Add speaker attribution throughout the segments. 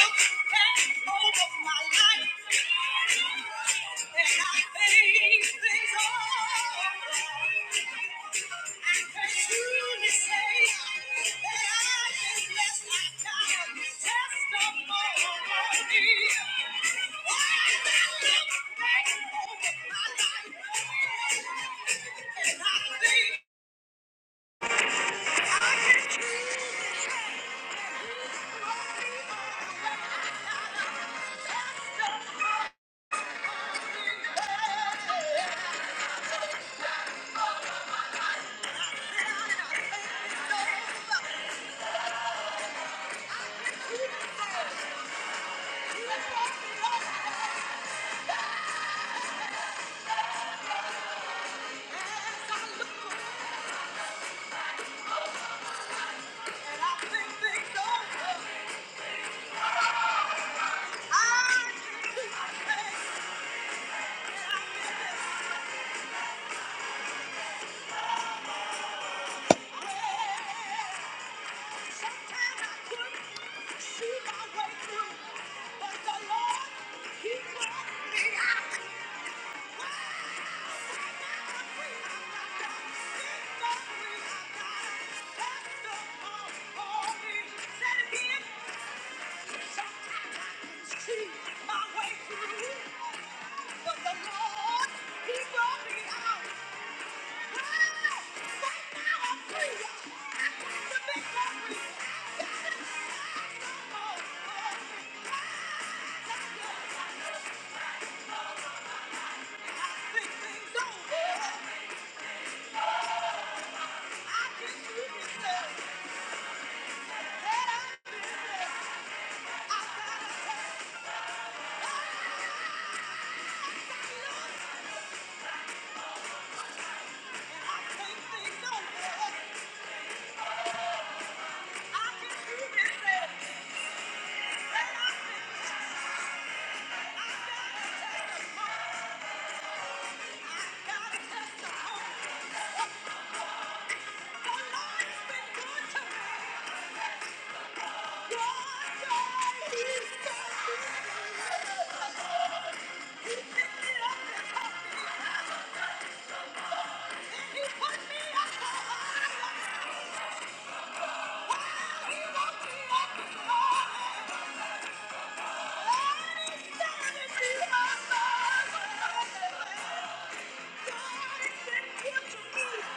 Speaker 1: Thank you. Sometimes I couldn't see my way through, but the Lord, He brought me out. I'm free, I'm free, I'm not testimony. Sometimes I couldn't see my way through, but the Lord, He brought me out. Wow! Right now I'm free. I got the victory. Oh, oh, things over. I can do this. now. Thank you.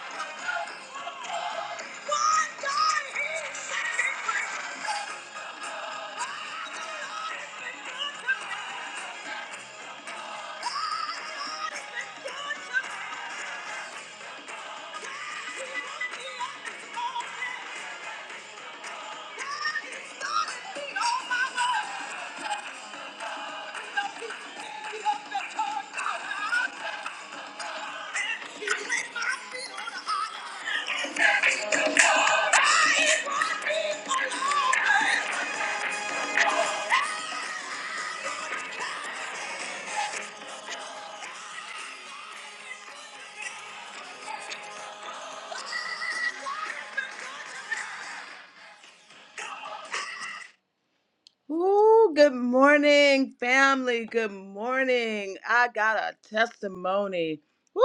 Speaker 1: Ooh, good morning, family. Good morning. I got a testimony. Woo!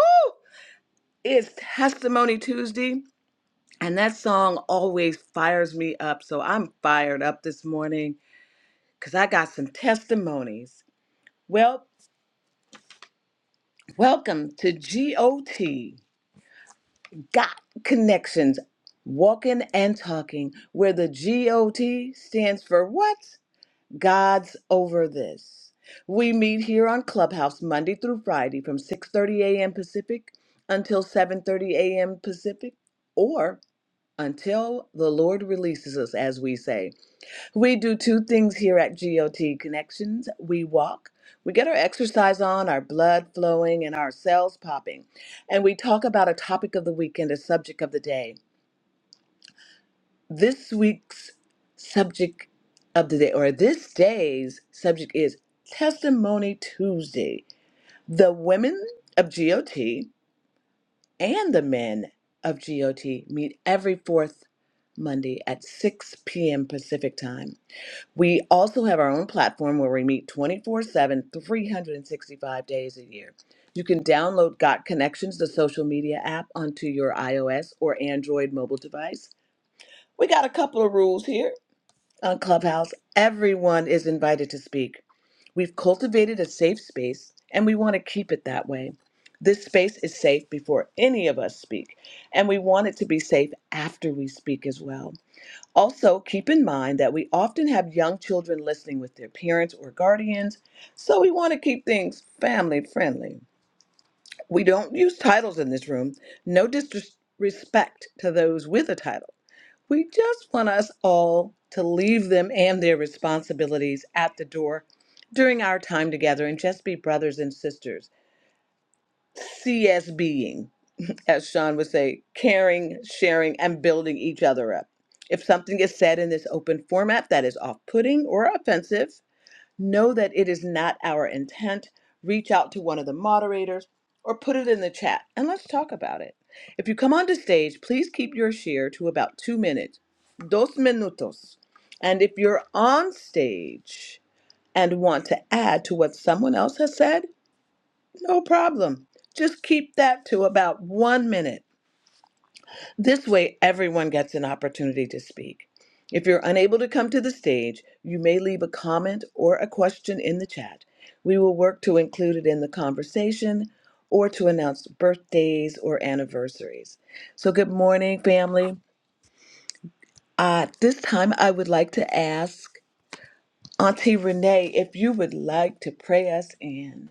Speaker 1: It's Testimony Tuesday. And that song always fires me up. So I'm fired up this morning because I got some testimonies. Well, welcome to GOT, Got Connections, Walking and Talking, where the GOT stands for what? God's over this. We meet here on Clubhouse Monday through Friday from 6:30 a.m. Pacific until 7:30 a.m. Pacific or until the Lord releases us as we say. We do two things here at GOT Connections. We walk, we get our exercise on, our blood flowing, and our cells popping. And we talk about a topic of the week and a subject of the day. This week's subject of the day, or this day's subject, is Testimony Tuesday. The women of GOT and the men of GOT meet every fourth Monday at 6 p.m. Pacific time. We also have our own platform where we meet 24 7, 365 days a year. You can download Got Connections, the social media app, onto your iOS or Android mobile device. We got a couple of rules here on Clubhouse. Everyone is invited to speak. We've cultivated a safe space and we want to keep it that way. This space is safe before any of us speak, and we want it to be safe after we speak as well. Also, keep in mind that we often have young children listening with their parents or guardians, so we want to keep things family friendly. We don't use titles in this room, no disrespect to those with a title. We just want us all to leave them and their responsibilities at the door during our time together and just be brothers and sisters, CSBing as Sean would say, caring, sharing, and building each other up. If something is said in this open format that is off putting or offensive, know that it is not our intent. Reach out to one of the moderators or put it in the chat and let's talk about it. If you come onto stage, please keep your share to about two minutes, dos minutos. And if you're on stage and want to add to what someone else has said, no problem. Just keep that to about one minute. This way, everyone gets an opportunity to speak. If you're unable to come to the stage, you may leave a comment or a question in the chat. We will work to include it in the conversation or to announce birthdays or anniversaries. So, good morning, family. Uh, this time, I would like to ask Auntie Renee if you would like to pray us in.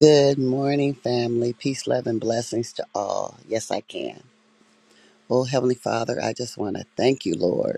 Speaker 2: Good morning, family. Peace, love, and blessings to all. Yes, I can. Oh, Heavenly Father, I just want to thank you, Lord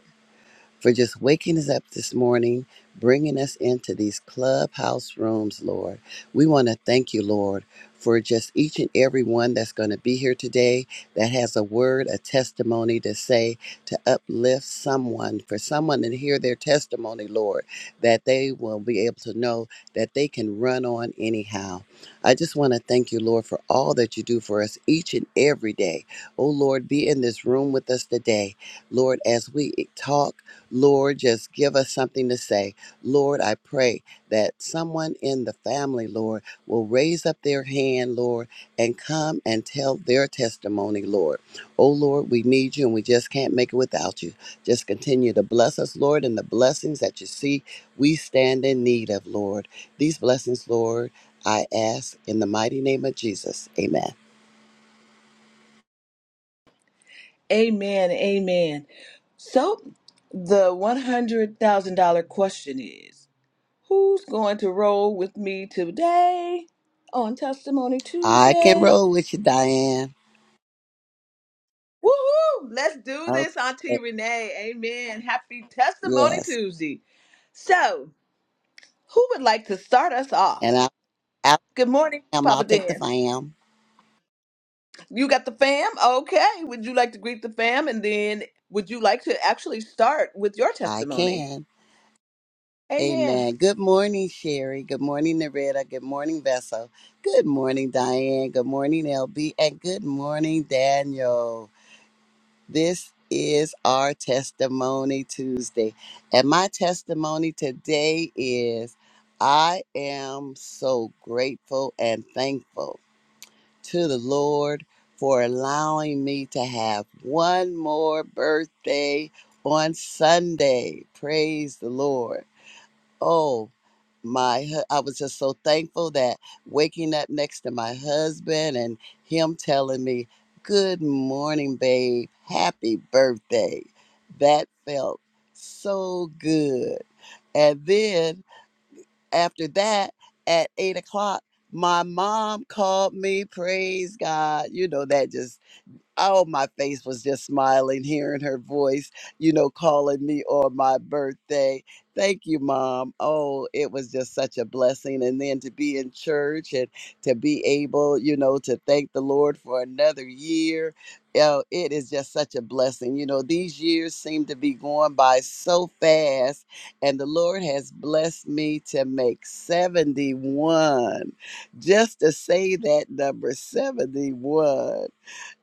Speaker 2: for just waking us up this morning, bringing us into these clubhouse rooms, Lord. We want to thank you, Lord, for just each and every one that's going to be here today that has a word, a testimony to say, to uplift someone, for someone to hear their testimony, Lord, that they will be able to know that they can run on anyhow. I just want to thank you, Lord, for all that you do for us each and every day. Oh, Lord, be in this room with us today. Lord, as we talk, Lord, just give us something to say. Lord, I pray that someone in the family, Lord, will raise up their hand, Lord, and come and tell their testimony, Lord. Oh, Lord, we need you and we just can't make it without you. Just continue to bless us, Lord, and the blessings that you see we stand in need of, Lord. These blessings, Lord, I ask in the mighty name of Jesus. Amen.
Speaker 1: Amen. Amen. So, the $100,000 question is Who's going to roll with me today on Testimony
Speaker 2: I can
Speaker 1: Tuesday?
Speaker 2: roll with you, Diane.
Speaker 1: Woohoo! Let's do this, Auntie
Speaker 2: Okay.
Speaker 1: Renee. Amen. Happy Testimony
Speaker 2: Yes.
Speaker 1: Tuesday. So, who would like to start us off?
Speaker 2: And I, I,
Speaker 1: Good morning,
Speaker 2: I'll
Speaker 1: Papa
Speaker 2: take the
Speaker 1: Dan.
Speaker 2: fam.
Speaker 1: You got the fam? Okay. Would you like to greet the fam? And then would you like to actually start with your
Speaker 2: I
Speaker 1: testimony?
Speaker 2: can.
Speaker 1: Amen.
Speaker 2: Amen. Good morning, Sherry. Good morning, Narita. Good morning, Vessel. Good morning, Diane. Good morning, LB. And good morning, Daniel. This is our Testimony Tuesday. And my testimony today is I am so grateful and thankful to the Lord for allowing me to have one more birthday on Sunday. Praise the Lord. oh my hu- i was just so thankful that waking up next to my husband and him telling me good morning babe happy birthday that felt so good and then after that at eight o'clock my mom called me praise god you know that just oh, my face was just smiling, hearing her voice, you know, calling me on my birthday. Thank you, Mom. Oh, it was just such a blessing. And then to be in church and to be able, you know, to thank the Lord for another year. Oh, it is just such a blessing. You know, these years seem to be going by so fast, and the Lord has blessed me to make 71 just to say that number 71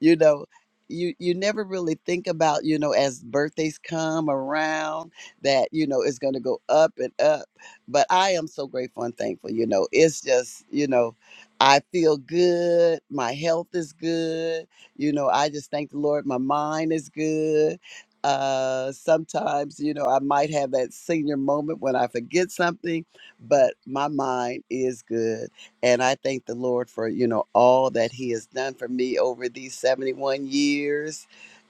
Speaker 2: you know you you never really think about you know as birthdays come around that you know it's going to go up and up but i am so grateful and thankful you know it's just you know i feel good my health is good you know i just thank the lord my mind is good uh sometimes you know i might have that senior moment when i forget something but my mind is good and I thank the Lord for, you know, all that He has done for me over these 71 years.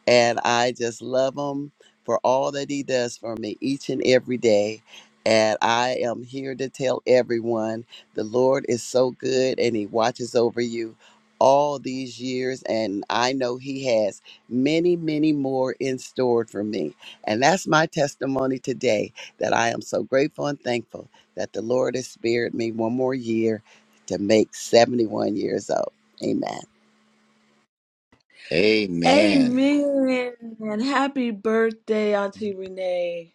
Speaker 2: And I just love Him for all that He does for me each and every day. And I am here to tell everyone the Lord is so good and He watches over you all these years. And I know He has many, many more in store for me. And that's my testimony today that I am so grateful and thankful that the Lord has spared me one more year to make 71 years old. Amen.
Speaker 3: Amen.
Speaker 1: Amen. Happy birthday, Auntie Renee.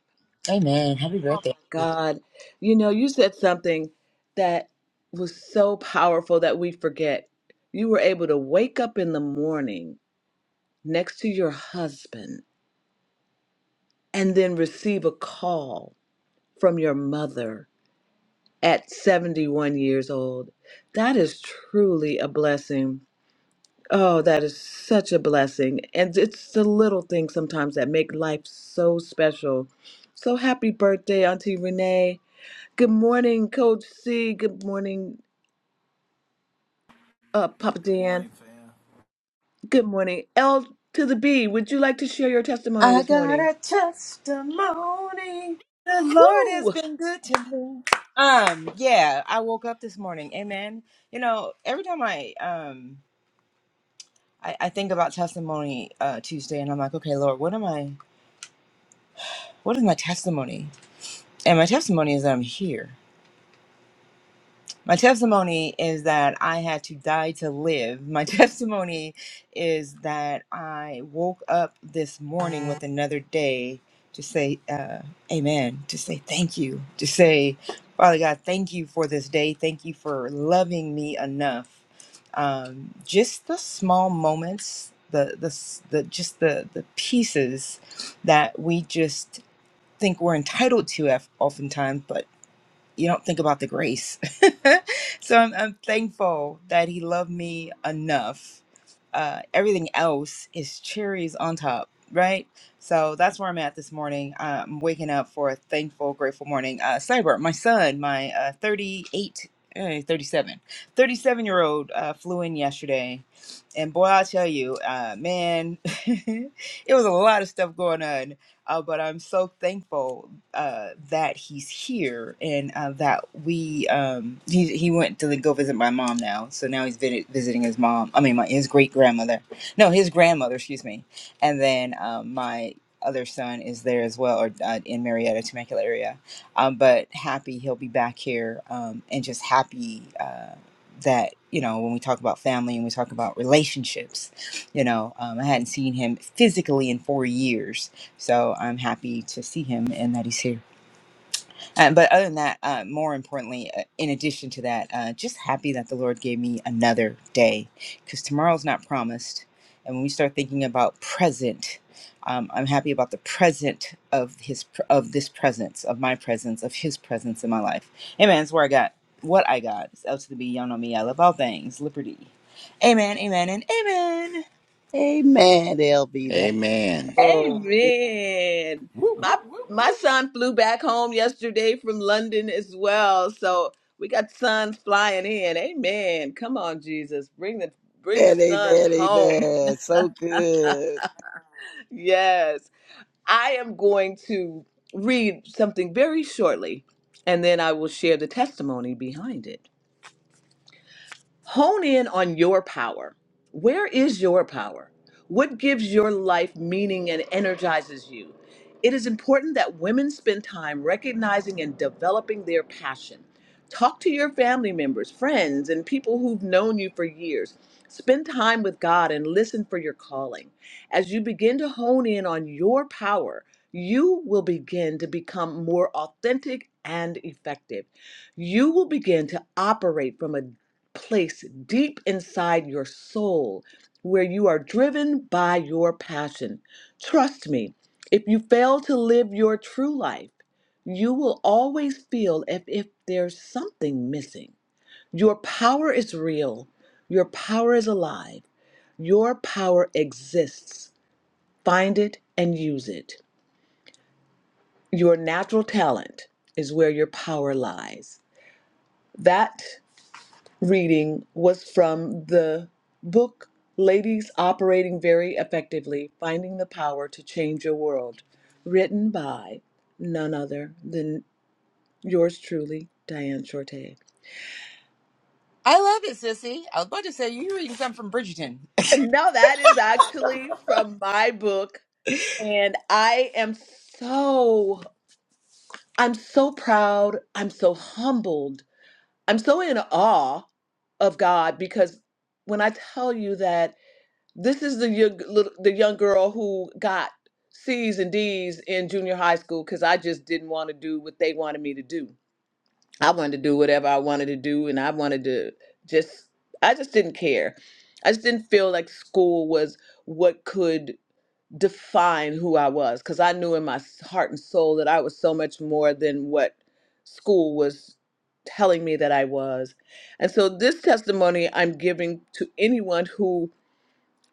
Speaker 4: Amen. Happy birthday.
Speaker 1: God, you know, you said something that was so powerful that we forget. You were able to wake up in the morning next to your husband and then receive a call from your mother at 71 years old. That is truly a blessing. Oh, that is such a blessing. And it's the little things sometimes that make life so special. So happy birthday, Auntie Renee. Good morning, Coach C. Good morning, uh, Papa
Speaker 5: Good
Speaker 1: Dan.
Speaker 5: morning, fam.
Speaker 1: Good morning. L to the B, would you like to share your testimony
Speaker 4: I
Speaker 1: this
Speaker 4: got
Speaker 1: morning?
Speaker 4: a testimony. The Lord has
Speaker 1: Woo!
Speaker 4: been good to me. Um, yeah, I woke up this morning. Amen. You know, every time I um I, I think about testimony uh Tuesday and I'm like, okay, Lord, what am I what is my testimony? And my testimony is that I'm here. My testimony is that I had to die to live. My testimony is that I woke up this morning with another day to say uh, amen, to say thank you, to say, Father God, thank you for this day. Thank you for loving me enough. Um, just the small moments, the, the, s- the just the, the pieces that we just think we're entitled to of- oftentimes, but you don't think about the grace. so I'm, I'm thankful that he loved me enough. Uh, everything else is cherries on top, right? So that's where I'm at this morning. Uh, I'm waking up for a thankful, grateful morning. Uh, Cyber, my son, my uh, 38, eh, 37, 37 year old uh, flew in yesterday. And boy, I'll tell you, uh, man, it was a lot of stuff going on uh, but I'm so thankful uh, that he's here and uh, that we um, he he went to go visit my mom now. So now he's vi- visiting his mom. I mean, my his great grandmother. No, his grandmother. Excuse me. And then um, my other son is there as well, or uh, in Marietta, Temecula area. Um, but happy he'll be back here, um, and just happy. Uh, that you know when we talk about family and we talk about relationships you know um, i hadn't seen him physically in four years so I'm happy to see him and that he's here. Uh, but other than that, uh, more importantly, uh, in addition to that, uh, just happy that the Lord gave me another day because tomorrow's not promised. And when we start thinking about present, um, I'm happy about the present of his pr- of this presence, of my presence, of his presence in my life. Amen. That's where I got what I got. It's L to the B. Y'all know me. I love all things liberty. Amen. Amen. And amen.
Speaker 2: Amen, LB. That's
Speaker 3: Amen.
Speaker 2: so good.
Speaker 1: Amen. My my son flew back home yesterday from London as well. So we got sons flying in. Amen. Come on, Jesus. Bring the bring the sons
Speaker 2: Amen,
Speaker 1: home.
Speaker 2: amen. So good.
Speaker 1: Yes. I am going to read something very shortly and then I will share the testimony behind it. Hone in on your power. Where is your power? What gives your life meaning and energizes you? It is important that women spend time recognizing and developing their passion. Talk to your family members, friends, and people who've known you for years. Spend time with God and listen for your calling. As you begin to hone in on your power, you will begin to become more authentic and effective you will begin to operate from a place deep inside your soul where you are driven by your passion. Trust me, if you fail to live your true life, you will always feel if, if there's something missing. Your power is real, your power is alive, your power exists. Find it and use it. Your natural talent is where your power lies. That reading was from the book Ladies Operating Very Effectively Finding the Power to Change Your World, written by none other than yours truly, Diane Shorte.
Speaker 4: I love it, sissy. I was about to say you reading something from Bridgerton.
Speaker 1: And now that is actually from my book. And I am so, I'm so proud. I'm so humbled. I'm so in awe of God because when I tell you that. This is the young, little, the young girl who got C's and D's in junior high school because I just didn't want to do what they wanted me to do. I wanted to do whatever I wanted to do, and I wanted to just, I just didn't care. I just didn't feel like school was what could define who I was because I knew in my s- heart and soul that I was so much more than what school was telling me that I was. And so this testimony I'm giving to anyone who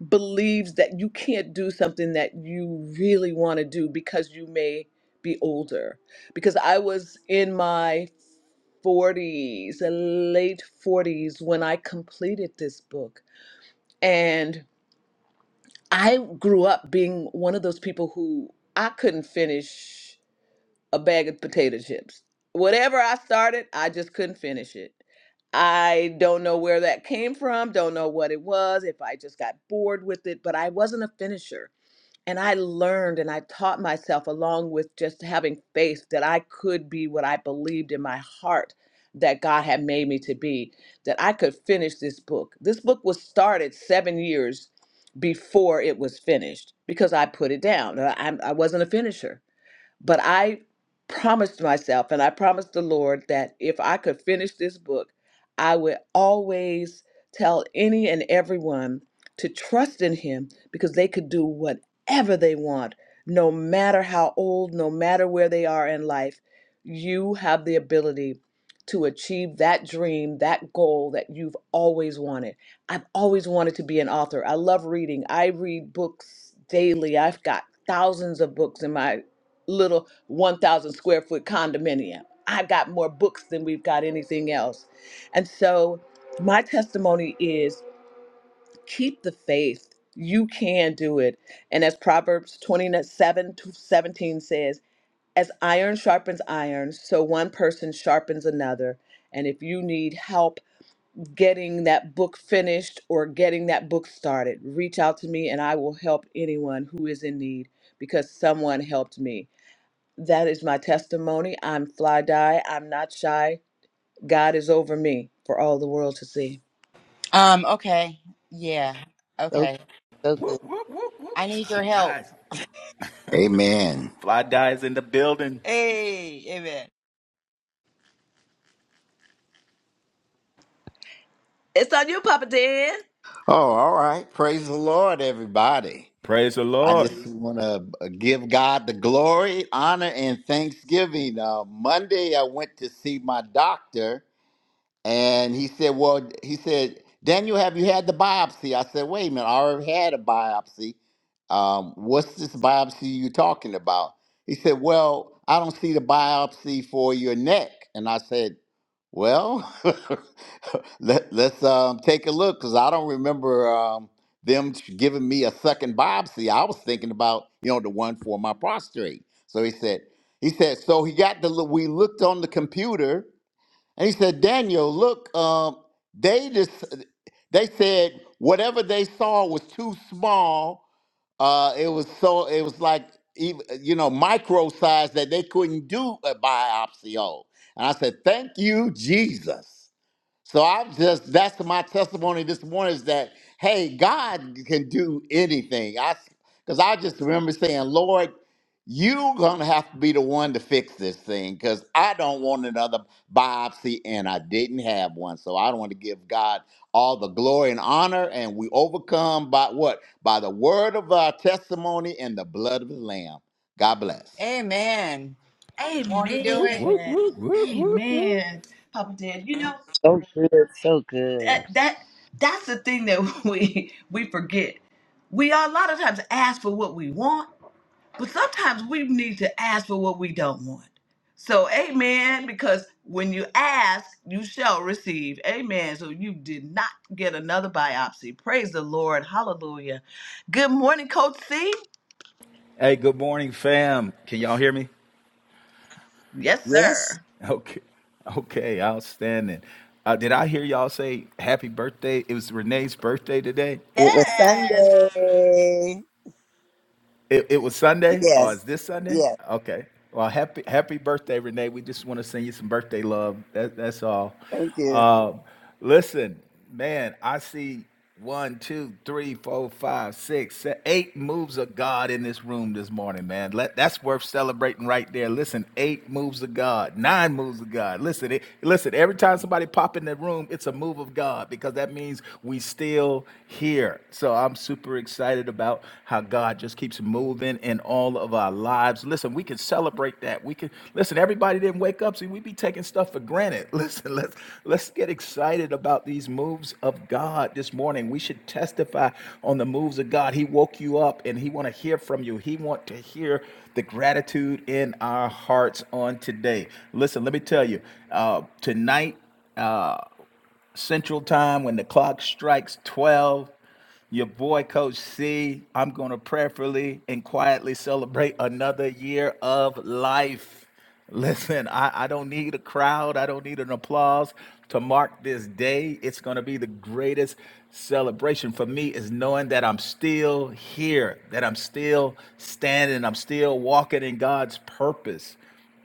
Speaker 1: believes that you can't do something that you really want to do because you may be older. Because I was in my 40s, uh, late 40s, when I completed this book. And I grew up being one of those people who I couldn't finish a bag of potato chips. Whatever I started, I just couldn't finish it. I don't know where that came from, don't know what it was, if I just got bored with it, but I wasn't a finisher And I learned and I taught myself, along with just having faith, that I could be what I believed in my heart that God had made me to be, that I could finish this book. This book was started seven years before it was finished because I put it down. I, I I wasn't a finisher. But I promised myself and I promised the Lord that if I could finish this book, I would always tell any and everyone to trust in Him because they could do whatever they want, no matter how old, no matter where they are in life. You have the ability to achieve that dream, that goal that you've always wanted. I've always wanted to be an author. I love reading. I read books daily. I've got thousands of books in my little 1,000 square foot condominium. I got more books than we've got anything else. And so my testimony is keep the faith. You can do it. And as Proverbs 27 to 17 says, as iron sharpens iron, so one person sharpens another. And if you need help getting that book finished or getting that book started, reach out to me and I will help anyone who is in need because someone helped me. That is my testimony. I'm fly die. I'm not shy. God is over me for all the world to see.
Speaker 4: Um, okay. Yeah.
Speaker 2: So,
Speaker 4: Okay.
Speaker 2: so
Speaker 5: Whoop,
Speaker 2: good.
Speaker 5: whoop, whoop,
Speaker 4: I
Speaker 5: whoop.
Speaker 4: need your
Speaker 5: Fly
Speaker 4: help.
Speaker 5: dies.
Speaker 3: Amen.
Speaker 5: Fly dies in the building.
Speaker 4: Hey, amen.
Speaker 1: It's on you, Papa Dan.
Speaker 3: Oh, all right. Praise the Lord, everybody.
Speaker 5: Praise the
Speaker 3: I
Speaker 5: Lord.
Speaker 3: just want to give God the glory, honor, and thanksgiving. Uh, Monday, I went to see my doctor, And he said, Well, he said, Daniel, have you had the biopsy? I said, Wait a minute, I already had a biopsy. Um, what's this biopsy you talking about? He said, Well, I don't see the biopsy for your neck. And I said, Well, let, let's um, take a look because I don't remember um, them giving me a second biopsy. I was thinking about, you know, the one for my prostate. So he said, he said, so he got the, we looked on the computer and he said, Daniel, look, um, they just they said whatever they saw was too small. Uh, it was so it was like even you know micro size that they couldn't do a biopsy on. And I said, thank you, Jesus. So I'm just that's my testimony this morning is that hey, God can do anything. I because I just remember saying, Lord, you're gonna have to be the one to fix this thing because I don't want another biopsy and I didn't have one. So I don't want to give God all the glory and honor. And we overcome by what? By the word of our testimony and the blood of the Lamb. God bless.
Speaker 4: Amen. Won't he do
Speaker 1: Amen.
Speaker 5: Whoop,
Speaker 4: it?
Speaker 5: whoop, whoop, whoop, whoop, whoop.
Speaker 1: Amen. Papa Dan, you know
Speaker 2: So good. So
Speaker 1: that
Speaker 2: good.
Speaker 1: that that's the thing that we we forget. We are a lot of times ask for what we want But sometimes we need to ask for what we don't want. So, amen, because when you ask, you shall receive. Amen. So, you did not get another biopsy. Praise the Lord. Hallelujah. Good morning, Coach C.
Speaker 5: Hey, good morning, fam. Can y'all hear me?
Speaker 1: Yes,
Speaker 2: Yes,
Speaker 1: sir.
Speaker 5: Okay. Okay, outstanding. Uh, did I hear y'all say happy birthday? It was Renee's birthday today.
Speaker 2: it was
Speaker 1: Yes.
Speaker 2: Sunday.
Speaker 5: It, it was Sunday, or is
Speaker 2: Yes,
Speaker 5: this Sunday?
Speaker 2: yes.
Speaker 5: Okay. Well, happy happy birthday, Renee. We just want to send you some birthday love. That, that's all.
Speaker 2: Thank you.
Speaker 5: Um, listen, man, I see one, two, three, four, five, six, seven, eight moves of God in this room this morning, man. Let, that's worth celebrating right there. Listen, eight moves of God, nine moves of God. Listen, it, listen. Every time somebody pop in the room, it's a move of God because that means we still here here. So I'm super excited about how God just keeps moving in all of our lives. Listen, we can celebrate that. We can listen, everybody didn't wake up. See, we be taking stuff for granted. Listen, let's let's get excited about these moves of God this morning. We should testify on the moves of God. He woke you up and he want to hear from you. He want to hear the gratitude in our hearts on today. Listen, let me tell you, uh, tonight uh, Central Time when the clock strikes 12. Your boy, Coach C, I'm going to prayerfully and quietly celebrate another year of life. Listen, I, I don't need a crowd. I don't need an applause to mark this day. It's going to be the greatest celebration for me is knowing that I'm still here, that I'm still standing, I'm still walking in God's purpose.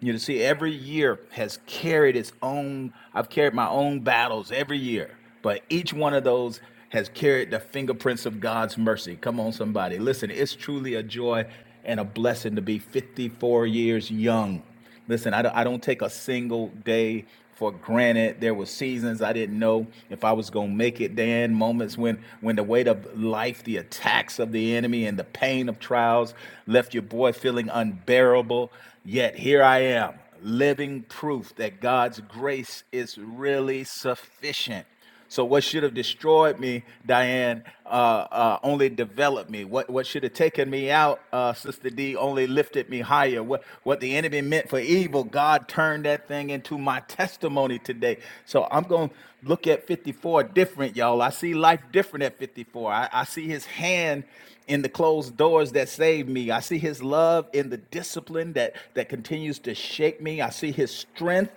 Speaker 5: You know, see, every year has carried its own, I've carried my own battles every year, but each one of those has carried the fingerprints of God's mercy. Come on, somebody. Listen, it's truly a joy and a blessing to be 54 years young. Listen, I don't, I don't take a single day for granted. There were seasons I didn't know if I was going to make it, Dan. Moments when, when the weight of life, the attacks of the enemy, and the pain of trials left your boy feeling unbearable. Yet here I am, living proof that God's grace is really sufficient. So what should have destroyed me, Diane, uh, uh, only developed me. What what should have taken me out, uh, Sister D, only lifted me higher. What what the enemy meant for evil, God turned that thing into my testimony today. So I'm gonna look at 54 different, y'all. I see life different at 54. I, I see His hand in the closed doors that saved me. I see His love in the discipline that that continues to shake me. I see His strength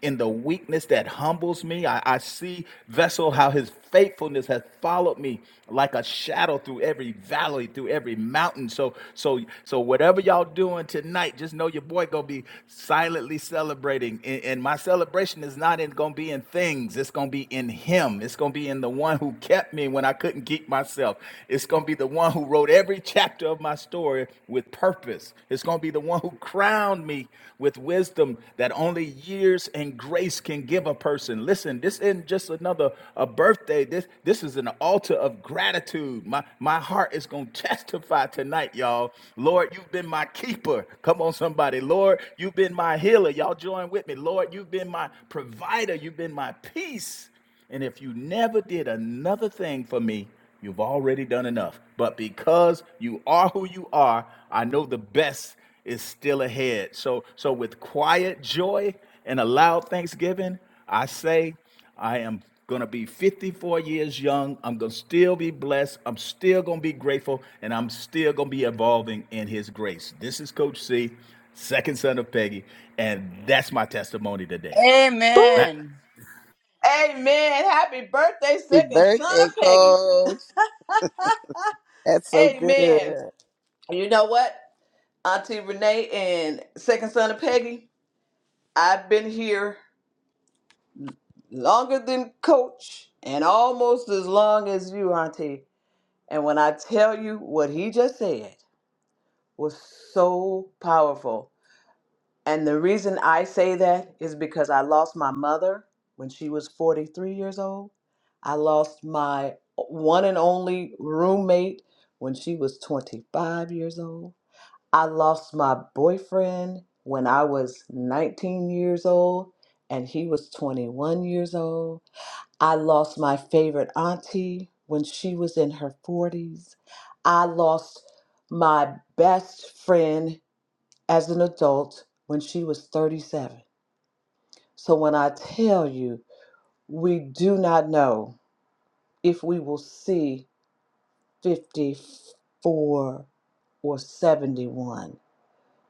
Speaker 5: in the weakness that humbles me. I, I see, vessel, how his faithfulness has followed me like a shadow through every valley, through every mountain. So, so, so whatever y'all doing tonight, just know your boy gonna be silently celebrating. And, and my celebration is not in gonna be in things, it's gonna be in him. It's gonna be in the one who kept me when I couldn't keep myself. It's gonna be the one who wrote every chapter of my story with purpose purpose. It's going to be the one who crowned me with wisdom that only years and grace can give a person. Listen, this isn't just another a birthday. This this is an altar of gratitude. My my heart is going to testify tonight, y'all. Lord, you've been my keeper. Come on somebody. Lord, you've been my healer. Y'all join with me. Lord, you've been my provider. You've been my peace. And if you never did another thing for me, You've already done enough. But because you are who you are, I know the best is still ahead. So so with quiet joy and a loud thanksgiving, I say I am going to be 54 years young. I'm going to still be blessed. I'm still going to be grateful and I'm still going to be evolving in his grace. This is coach C, second son of Peggy, and that's my testimony today.
Speaker 1: Woo!
Speaker 5: Back
Speaker 4: Amen.
Speaker 1: Amen. Happy birthday,
Speaker 2: Happy
Speaker 1: second son
Speaker 2: birthday,
Speaker 1: of Peggy.
Speaker 2: coach. That's so
Speaker 1: Amen.
Speaker 2: good.
Speaker 1: You know what? Auntie Renee and second son of Peggy, I've been here. longer than coach and almost as long as you, Auntie. And when I tell you what he just said was so powerful. And the reason I say that is because I lost my mother when she was 43 years old. I lost my one and only roommate when she was 25 years old. I lost my boyfriend when I was 19 years old and he was 21 years old. I lost my favorite auntie when she was in her 40s. I lost my best friend as an adult when she was 37. So when I tell you, we do not know if we will see 54 or 71.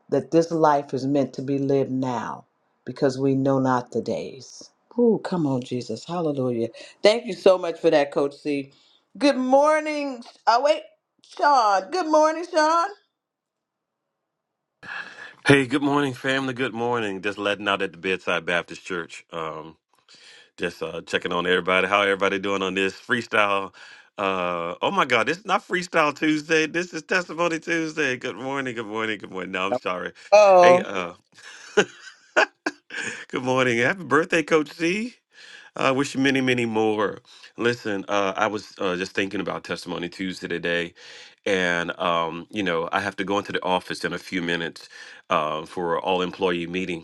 Speaker 1: that this life is meant to be lived now because we know not the days. Ooh, come on, Jesus. Hallelujah. Thank you so much for that, Coach C. Good morning. Oh, wait, Sean. Good morning, Sean.
Speaker 6: Hey, good morning, family. Good morning. Just letting out at the Bedside Baptist Church. Um, just uh, checking on everybody. How everybody doing on this freestyle? Uh, oh my God, this is not Freestyle Tuesday. This is Testimony Tuesday. Good morning. Good morning. Good morning. No, I'm sorry. Hey,
Speaker 2: Oh,
Speaker 6: uh, good morning. Happy birthday, Coach C. I wish you many, many more. Listen, uh, I was uh, just thinking about Testimony Tuesday today, and um, you know, I have to go into the office in a few minutes uh, for all employee meeting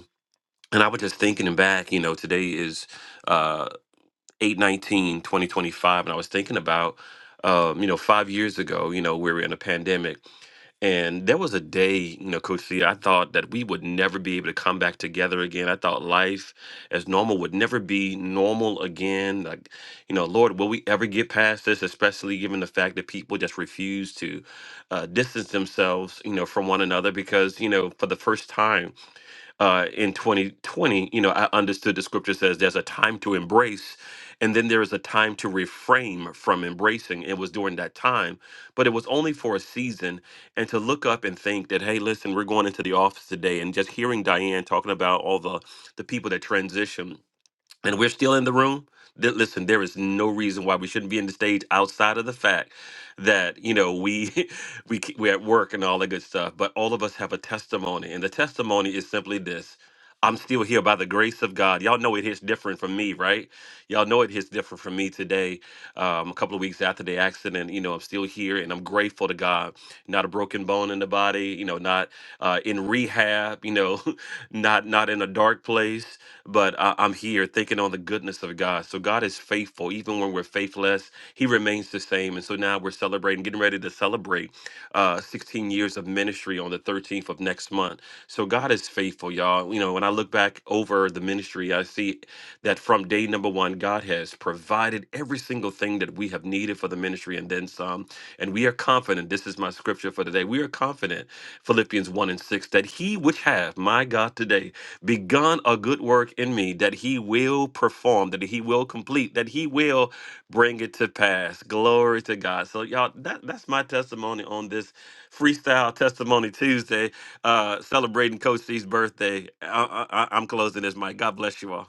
Speaker 6: and I was just thinking back, you know, today is uh 819 2025 and I was thinking about um, you know, 5 years ago, you know, we were in a pandemic and there was a day, you know, coach C, I thought that we would never be able to come back together again. I thought life as normal would never be normal again. Like, you know, Lord, will we ever get past this, especially given the fact that people just refuse to uh, distance themselves, you know, from one another because, you know, for the first time uh, in 2020, you know, I understood the scripture says there's a time to embrace and then there is a time to refrain from embracing. It was during that time, but it was only for a season. And to look up and think that, hey, listen, we're going into the office today and just hearing Diane talking about all the, the people that transition and we're still in the room, that listen, there is no reason why we shouldn't be in the stage outside of the fact that you know we we ke- we're at work and all that good stuff. But all of us have a testimony, and the testimony is simply this. I'm still here by the grace of God. Y'all know it hits different from me, right? Y'all know it hits different from me today. Um, a couple of weeks after the accident, you know, I'm still here and I'm grateful to God. Not a broken bone in the body, you know, not uh, in rehab, you know, not not in a dark place but I, I'm here thinking on the goodness of God. So God is faithful, even when we're faithless, He remains the same. And so now we're celebrating, getting ready to celebrate uh, 16 years of ministry on the 13th of next month. So God is faithful, y'all. You know, when I look back over the ministry, I see that from day number one, God has provided every single thing that we have needed for the ministry and then some. And we are confident, this is my scripture for today. We are confident, Philippians 1 and 6, that he which hath my God, today, begun a good work in me that he will perform, that he will complete, that he will bring it to pass. Glory to God. So y'all, that, that's my testimony on this freestyle testimony Tuesday, uh, celebrating Coach C's birthday. I, I, I'm closing this mic. God bless you all.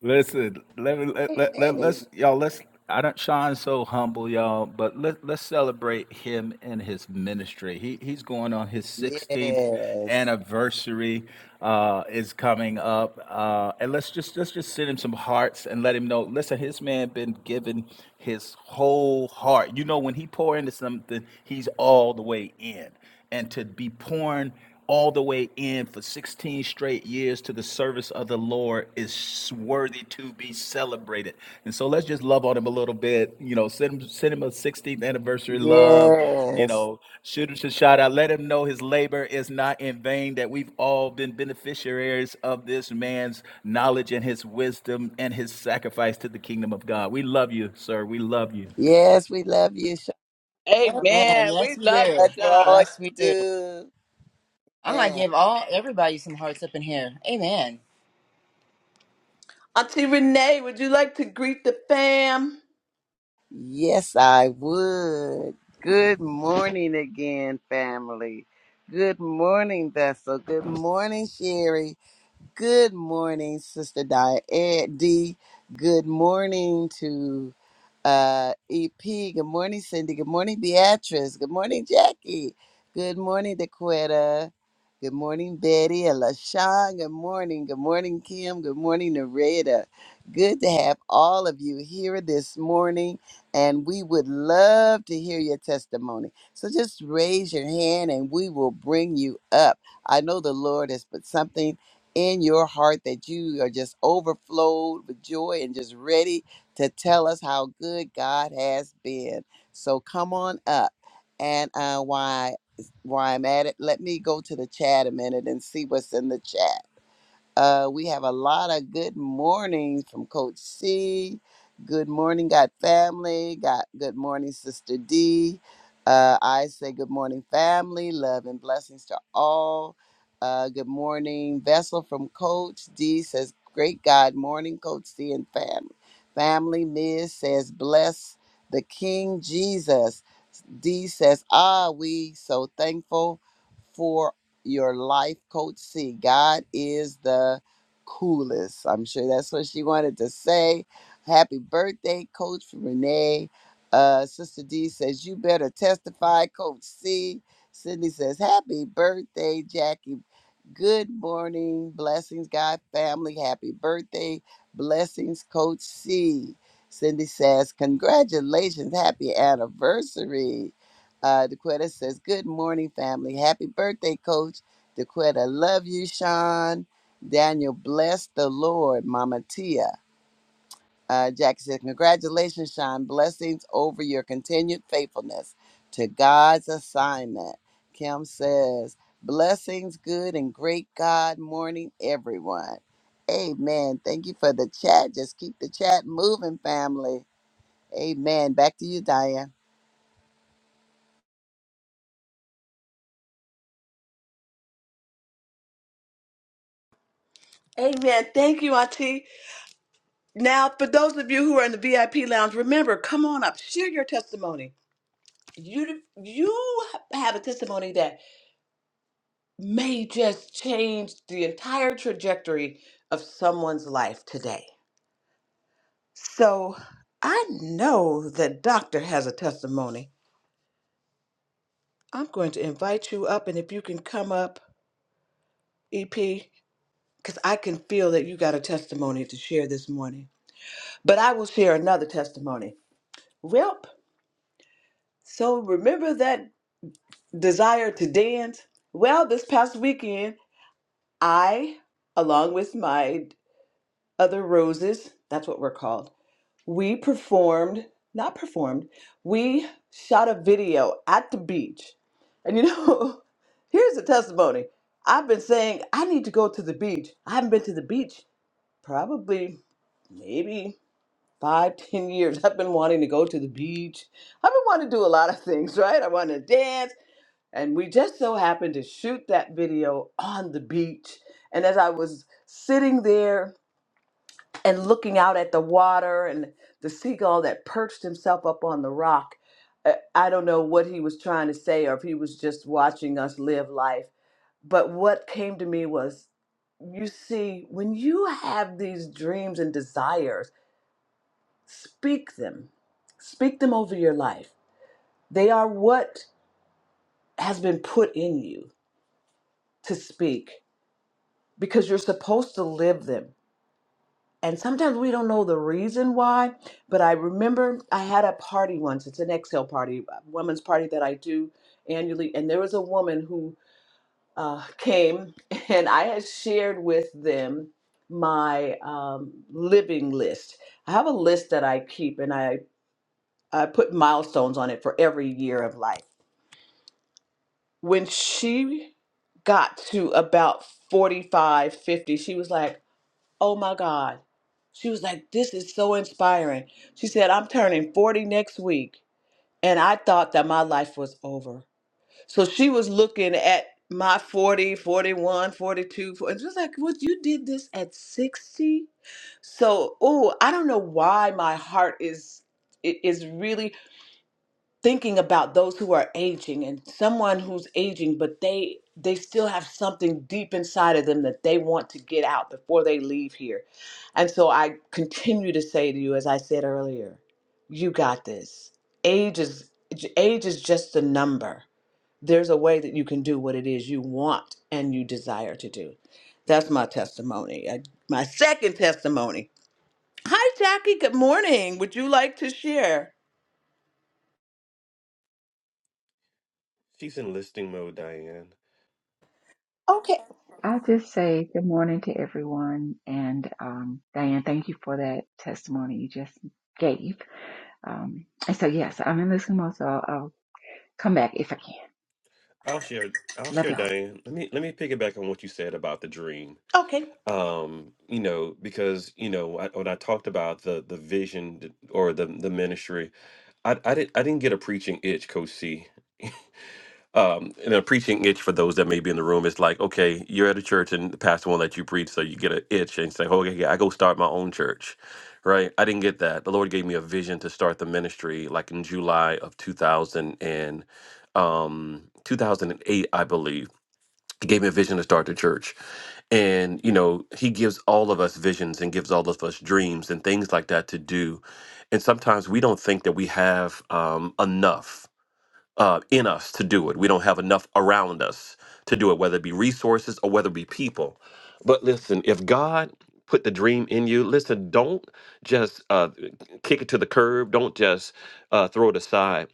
Speaker 5: Listen, let me let,
Speaker 2: amen.
Speaker 5: let, let
Speaker 2: amen.
Speaker 5: let's y'all let's I don't Sean's so humble, y'all, but let let's celebrate him and his ministry. He he's going on his 16th
Speaker 2: Yes,
Speaker 5: anniversary uh is coming up. Uh and let's just let's just send him some hearts and let him know. Listen, his man been giving his whole heart. You know, when he pour into something, he's all the way in. And to be pouring all the way in for 16 straight years to the service of the Lord is worthy to be celebrated. And so let's just love on him a little bit. You know, send him, send him a 16th anniversary love. You
Speaker 2: yes,
Speaker 5: know, shoot him a shout out. Let him know his labor is not in vain, that we've all been beneficiaries of this man's knowledge and his wisdom and his sacrifice to the kingdom of God. We love you, sir. We love you.
Speaker 2: yes. We love you,
Speaker 4: Amen.
Speaker 2: Sean.
Speaker 1: Amen. We
Speaker 4: Yes, we
Speaker 1: love
Speaker 4: do.
Speaker 1: you,
Speaker 2: Much for all
Speaker 1: Sean.
Speaker 4: Yes,
Speaker 2: you
Speaker 4: we do.
Speaker 2: do.
Speaker 4: I'm gonna
Speaker 2: Man,
Speaker 4: give all everybody some hearts up in here. Amen.
Speaker 1: Auntie Renee, would you like to greet the fam?
Speaker 2: yes, I would. Good morning again, family. Good morning, Vessel. Good morning, Sherry. Good morning, Sister Diane D. Good morning to uh, EP. Good morning, Cindy. Good morning, Beatrice. Good morning, Jackie. Good morning, Daquetta. Good morning, Betty and LaShawn. Good morning. Good morning, Kim. Good morning, Nareda. Good to have all of you here this morning, and we would love to hear your testimony. So just raise your hand and we will bring you up. I know the Lord has put something in your heart that you are just overflowed with joy and just ready to tell us how good God has been. So come on up. And uh, why? Why I'm at it, let me go to the chat a minute and see what's in the chat. Uh, we have a lot of good mornings from Coach C. Good morning, God family. Got good morning, Sister D. Uh, I say good morning, family. Love and blessings to all. Uh, good morning, Vessel from Coach D says, "Great God morning, Coach C and family." Family Miss says, "Bless the King Jesus." D says, "Ah, we so thankful." for? your life coach C. God is the coolest. I'm sure that's what she wanted to say. Happy birthday, Coach Renee. Uh, Sister D says, You better testify, Coach C. Sydney says, Happy birthday, Jackie. Good morning. Blessings, God family. Happy birthday. Blessings, Coach C. Cindy says, Congratulations. Happy anniversary. Uh, DeQuetta says, Good morning, family. Happy birthday, Coach. DeQuetta, love you, Sean. Daniel, bless the Lord, Mama Tia. Uh, Jackie says, Congratulations, Sean. Blessings over your continued faithfulness to God's assignment. Kim says, Blessings, good and great God morning, everyone. Amen. Thank you for the chat. Just keep the chat moving, family. Amen. Back to you, Diane.
Speaker 1: Amen. Thank you, Auntie. Now, for those of you who are in the VIP lounge, remember, come on up, share your testimony. you you have a testimony that may just change the entire trajectory of someone's life today. So I know that doctor has a testimony. I'm going to invite you up, and if you can come up, EP, because I can feel that you got a testimony to share this morning. But I will share another testimony. Welp, so remember that desire to dance? Well, this past weekend, I along with my Other Roses, that's what we're called. We performed, not performed, we shot a video at the beach. And you know, here's the testimony. I've been saying I need to go to the beach. I haven't been to the beach probably maybe five, ten years. I've been wanting to go to the beach. I've been wanting to do a lot of things, right? I want to dance. And we just so happened to shoot that video on the beach. And as I was sitting there and looking out at the water and the seagull that perched himself up on the rock. I I don't know what he was trying to say or if he was just watching us live life. But what came to me was you see, when you have these dreams and desires, speak them, speak them over your life. They are what has been put in you to speak because you're supposed to live them. and sometimes we don't know the reason why but i remember i had a party once it's an exhale party a women's party that i do annually and there was a woman who uh, came and i had shared with them my um, living list i have a list that i keep and i i put milestones on it for every year of life when she got to about 45, 50, she was like Oh my God. She was like, This is so inspiring. She said, I'm turning 40 next week. And I thought that my life was over. So she was looking at my 40, forty-one, forty-two. forty, And she was like, Well, you did this at 60? So, oh, I don't know why my heart is. It is really thinking about those who are aging and someone who's aging but they they still have something deep inside of them that they want to get out before they leave here and so i continue to say to you as i said earlier you got this age is age is just a number there's a way that you can do what it is you want and you desire to do that's my testimony Uh, my second testimony hi jackie good morning would you like to share Okay.
Speaker 7: I'll just say good morning to everyone. And um, Diane, thank you for that testimony you just gave. Um, and so, yes, I'm in Eskimo, so I'll, I'll come back if I can.
Speaker 6: I'll share. I'll
Speaker 7: Love
Speaker 6: share,
Speaker 7: y'all.
Speaker 6: Diane. Let me let me piggyback on what you said about the dream.
Speaker 1: okay
Speaker 6: Um, you know, because you know I, when I talked about the the vision th- or the the ministry I, I didn't I didn't get a preaching itch, Coach C. Um, and a preaching itch for those that may be in the room is like, okay, you're at a church and the pastor won't let you preach, so you get an itch and say, oh, okay, yeah, I go start my own church, right? I didn't get that. The Lord gave me a vision to start the ministry, like in July of 2000 and um 2008, I believe. He gave me a vision to start the church, and you know, He gives all of us visions and gives all of us dreams and things like that to do and sometimes we don't think that we have um, enough uh, in us to do it. We don't have enough around us to do it, whether it be resources or whether it be people. But listen, if God put the dream in you, listen, don't just uh, kick it to the curb, don't just uh, throw it aside.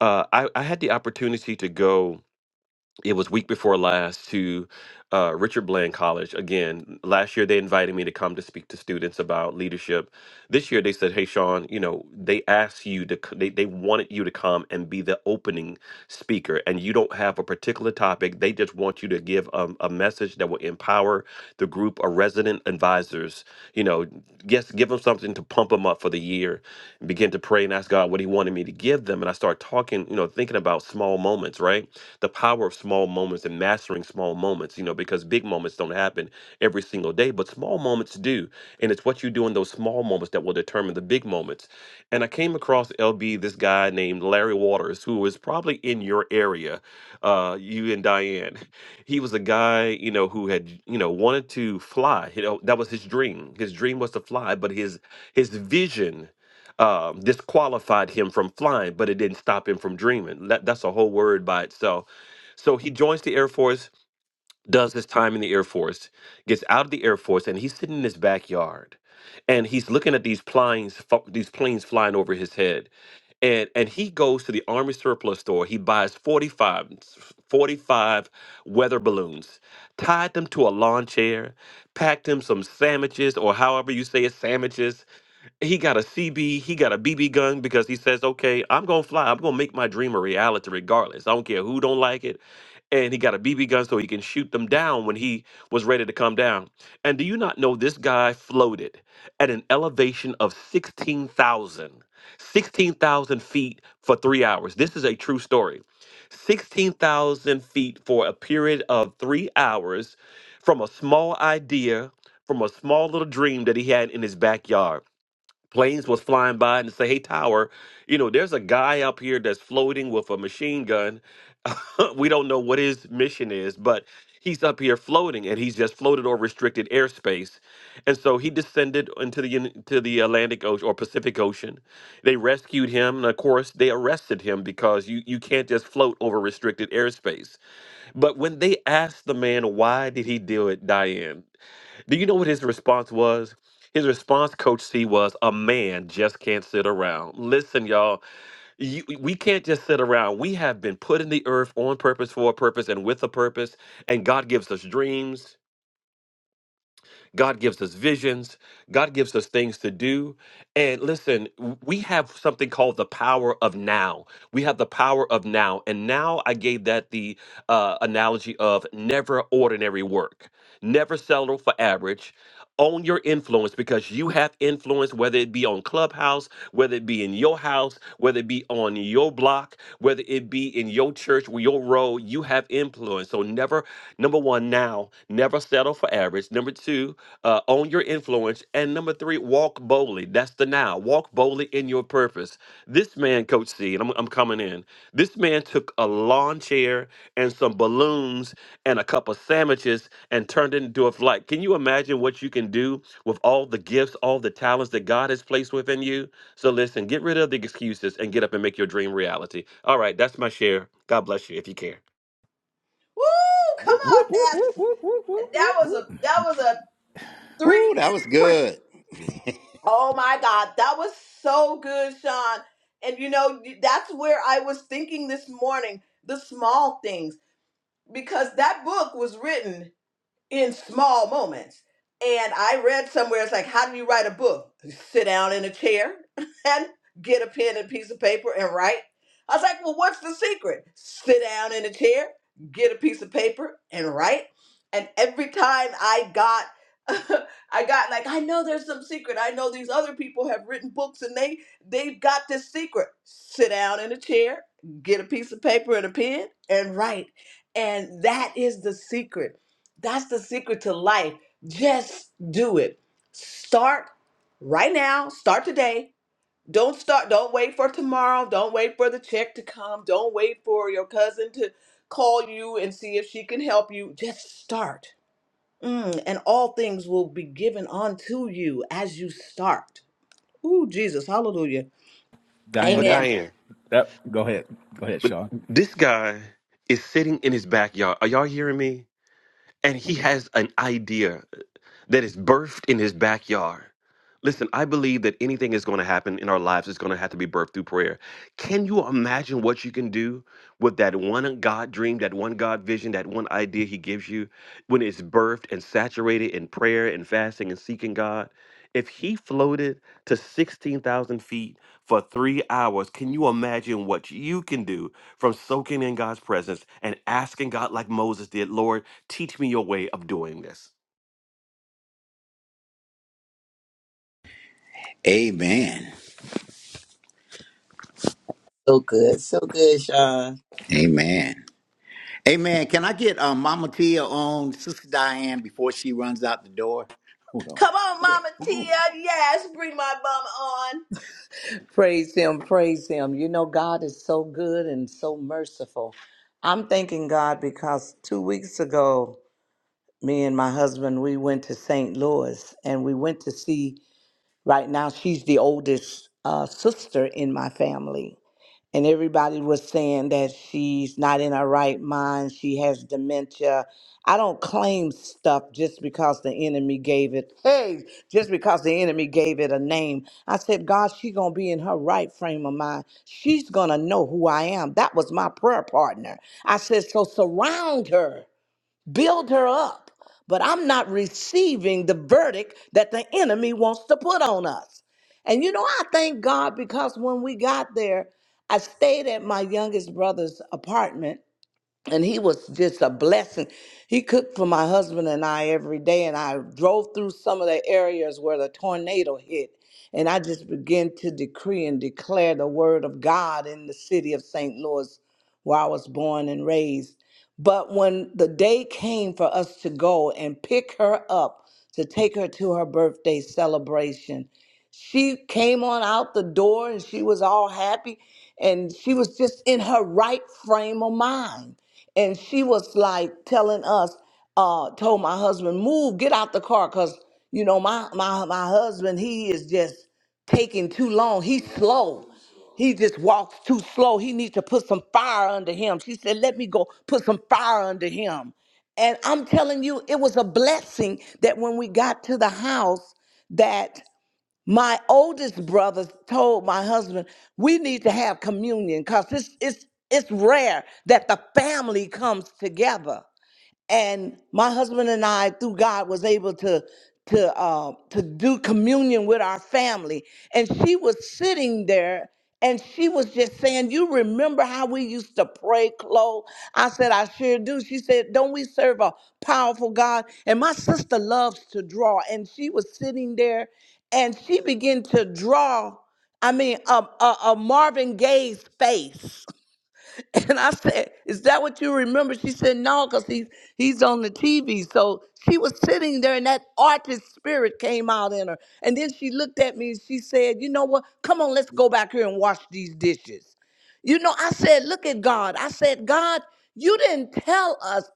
Speaker 6: Uh, I, I had the opportunity to go it was week before last to uh, Richard Bland College. Again, last year they invited me to come to speak to students about leadership. This year they said, "Hey, Sean, you know they asked you to, c- they they wanted you to come and be the opening speaker, and you don't have a particular topic. They just want you to give um, a message that will empower the group." group of resident advisors. You know, yes, give them something to pump them up for the year and begin to pray and ask God what He wanted me to give them. And I start talking, you know, thinking about small moments, right? The power of small moments and mastering small moments, you know, because big moments don't happen every single day, but small moments do. And it's what you do in those small moments that will determine the big moments. And I came across LB, this guy named Larry Waters, who is probably in your area, uh, you and Diane. he was a guy, you know, who had, you know, wanted to fly. You know, that was his dream. His dream was to fly, but his his vision um, disqualified him from flying, but it didn't stop him from dreaming. That, that's a whole word by itself. So he joins the Air Force, does his time in the Air Force, gets out of the Air Force, and he's sitting in his backyard, and he's looking at these planes, fo- these planes flying over his head and and he goes to the army surplus store he buys 45 45 weather balloons tied them to a lawn chair packed him some sandwiches or however you say it sandwiches he got a CB, he got a BB gun because he says, "Okay, I'm going to fly. I'm going to make my dream a reality regardless. I don't care who don't like it." And he got a BB gun so he can shoot them down when he was ready to come down. And do you not know this guy floated at an elevation of 16,000, 16,000 feet for 3 hours. This is a true story. 16,000 feet for a period of 3 hours from a small idea from a small little dream that he had in his backyard planes was flying by and say, "Hey, tower, you know, there's a guy up here that's floating with a machine gun. we don't know what his mission is, but he's up here floating, and he's just floated or restricted airspace." And so he descended into the into the Atlantic Ocean or Pacific Ocean. They rescued him, and of course, they arrested him because you you can't just float over restricted airspace. But when they asked the man why did he do it, Diane? Do you know what his response was? His response, Coach C, was a man just can't sit around. Listen, y'all, you, we can't just sit around. We have been put in the earth on purpose, for a purpose, and with a purpose. And God gives us dreams. God gives us visions. God gives us things to do. And listen, w- we have something called the power of now. We have the power of now. And now I gave that the uh, analogy of never ordinary work, never settle for average, own your influence because you have influence, whether it be on Clubhouse, whether it be in your house, whether it be on your block, whether it be in your church, or your road, you have influence. So never, number one, now, never settle for average. Number two, uh, own your influence. And number three, walk boldly. That's the now. Walk boldly in your purpose. This man, Coach C, and I'm, I'm coming in. This man took a lawn chair and some balloons and a couple sandwiches and turned it into a flight. Can you imagine what you can do with all the gifts, all the talents that God has placed within you? So listen, get rid of the excuses and get up and make your dream reality. All right, that's my share. God bless you if you care.
Speaker 1: Woo! Come
Speaker 5: Whoop,
Speaker 1: on,
Speaker 5: whoop, whoop,
Speaker 1: that
Speaker 5: whoop, whoop, whoop, whoop,
Speaker 1: that was a that was a three
Speaker 3: Woo, that was
Speaker 1: minute pre.
Speaker 3: good.
Speaker 1: Oh my God, that was so good, Sean. And you know that's where I was thinking this morning, the small things, because that book was written in small moments. And I read somewhere it's like, how do you write a book? You sit down in a chair and get a pen and piece of paper and write. I was like, well, what's the secret? Sit down in a chair, get a piece of paper and write. And every time I got I got like I know there's some secret. I know these other people have written books and they they've got this secret. Sit down in a chair, get a piece of paper and a pen and write. And that is the secret that's the secret to life. Just do it. Start right now. Start today. Don't start. Don't wait for tomorrow. Don't wait for the check to come. Don't wait for your cousin to call you and see if she can help you. Just start. Mm, and all things will be given unto you as you start. Ooh, Jesus. Hallelujah.
Speaker 5: Diane,
Speaker 6: But
Speaker 5: that,
Speaker 1: Amen.
Speaker 6: Diane,
Speaker 5: that, go ahead. Go ahead,
Speaker 6: but
Speaker 5: Sean.
Speaker 6: this guy is sitting in his backyard. Are y'all hearing me? and he has an idea that is birthed in his backyard. Listen, I believe that anything is going to happen in our lives is going to have to be birthed through prayer. Can you imagine what you can do with that one God dream, that one God vision, that one idea he gives you when it's birthed and saturated in prayer and fasting and seeking God? If he floated to 16,000 feet for three hours, can you imagine what you can do from soaking in God's presence and asking God, like Moses did, Lord, teach me your way of doing this?
Speaker 3: Amen.
Speaker 2: So good. So good, Sean.
Speaker 3: Amen. Amen. Can I get um, Mama Tia on Sister Diane before she runs out the door? Hold on.
Speaker 1: Come on, Mama Tia. Yes, bring my bum on.
Speaker 3: Praise Him, praise Him. You know, God is so good and so merciful. I'm thanking God because two weeks ago, me and my husband, we went to St. Louis and we went to see, right now, she's the oldest uh, sister in my family. and everybody was saying that she's not in her right mind, she has dementia. I don't claim stuff just because the enemy gave it. Hey, just because the enemy gave it a name. I said, God, she gonna be in her right frame of mind. She's gonna know who I am. That was my prayer partner. I said, so surround her build her up, but I'm not receiving the verdict that the enemy wants to put on us. And you know, I thank God because when we got there, I stayed at my youngest brother's apartment and he was just a blessing. He cooked for my husband and I every day, and I drove through some of the areas where the tornado hit. And I just began to decree and declare the word of God in the city of St. Louis, where I was born and raised. But when the day came for us to go and pick her up to take her to her birthday celebration, she came on out the door and she was all happy and she was just in her right frame of mind. And she was like telling us, uh, told my husband, move, get out the car, cause you know, my my my husband, he is just taking too long. He's slow. He just walks too slow. He needs to put some fire under him. She said, Let me go put some fire under him. And I'm telling you, it was a blessing that when we got to the house, that my oldest brother told my husband, we need to have communion because it's, it's, it's rare that the family comes together and my husband and I, through God, was able to to uh, to do communion with our family. And she was sitting there, and she was just saying, "You remember how we used to pray, Chloe?" I said, "I sure do." She said, "Don't we serve a powerful God?" And my sister loves to draw, and she was sitting there, and she began to draw. I mean, a, a, a Marvin Gaye's face. And I said, Is that what you remember? She said, No, because he's, he's on the TV. So she was sitting there, and that artist spirit came out in her. And then she looked at me and she said, You know what? Come on, let's go back here and wash these dishes. You know, I said, Look at God. I said, God, you didn't tell us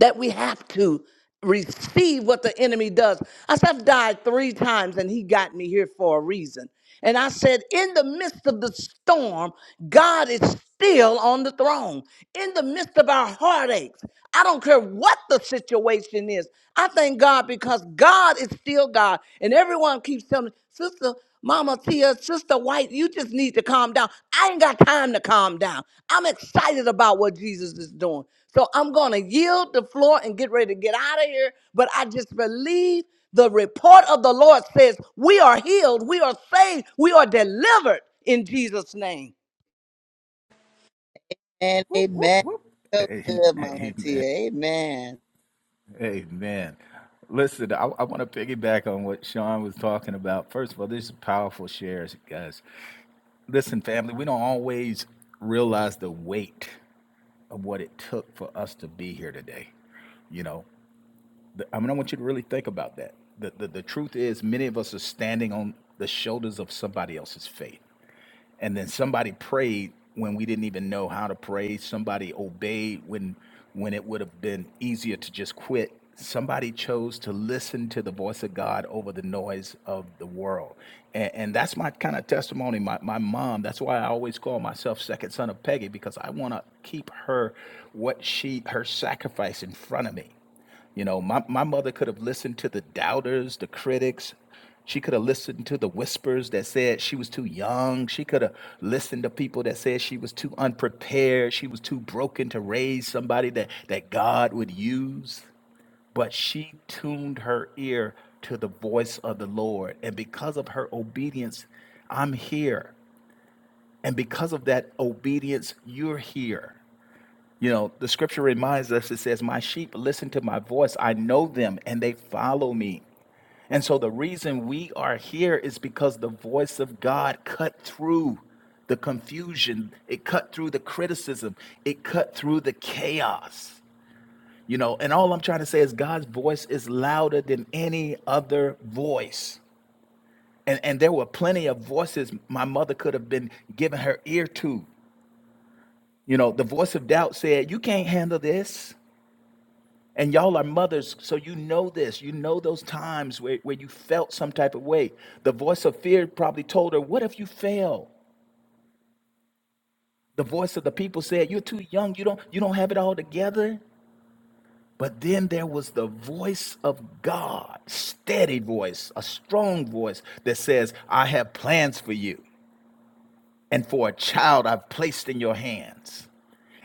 Speaker 3: that we have to receive what the enemy does. I said, I've died three times and he got me here for a reason. And I said, in the midst of the storm, God is still on the throne. In the midst of our heartaches, I don't care what the situation is. I thank God because God is still God. And everyone keeps telling me, Sister Mama Tia, Sister White, you just need to calm down. I ain't got time to calm down. I'm excited about what Jesus is doing. So I'm going to yield the floor and get ready to get out of here. But I just believe the report of the Lord says we are healed, we are saved, we are delivered in Jesus' name.
Speaker 2: And
Speaker 5: Whoop, whoop,
Speaker 2: amen.
Speaker 5: whoop.
Speaker 2: So
Speaker 5: A-
Speaker 2: good, Mama
Speaker 5: Amen.
Speaker 2: Tia. Amen.
Speaker 5: Amen. Listen, I, I want to piggyback on what Sean was talking about. First of all, this is powerful shares, guys. Listen, family, we don't always realize the weight of what it took for us to be here today. You know, the, I mean, I want you to really think about that. The, the, the truth is, many of us are standing on the shoulders of somebody else's faith. and then somebody prayed when we didn't even know how to pray somebody obeyed when when it would have been easier to just quit somebody chose to listen to the voice of god over the noise of the world and, and that's my kind of testimony my, my mom that's why i always call myself second son of peggy because i want to keep her what she her sacrifice in front of me you know, my, my mother could have listened to the doubters, the critics. She could have listened to the whispers that said she was too young. She could have listened to people that said she was too unprepared. She was too broken to raise somebody that, that God would use. But she tuned her ear to the voice of the Lord. And because of her obedience, I'm here. And because of that obedience, you're here. You know, the scripture reminds us it says, My sheep listen to my voice. I know them and they follow me. And so the reason we are here is because the voice of God cut through the confusion, it cut through the criticism, it cut through the chaos. You know, and all I'm trying to say is God's voice is louder than any other voice. And and there were plenty of voices my mother could have been giving her ear to. You know, the voice of doubt said, "You can't handle this." And y'all are mothers, so you know this. You know those times where, where you felt some type of way. The voice of fear probably told her, What if you fail? The voice of the people said, You're too young, you don't you don't have it all together. But then there was the voice of God, steady voice, a strong voice that says, I have plans for you. and for a child I've placed in your hands.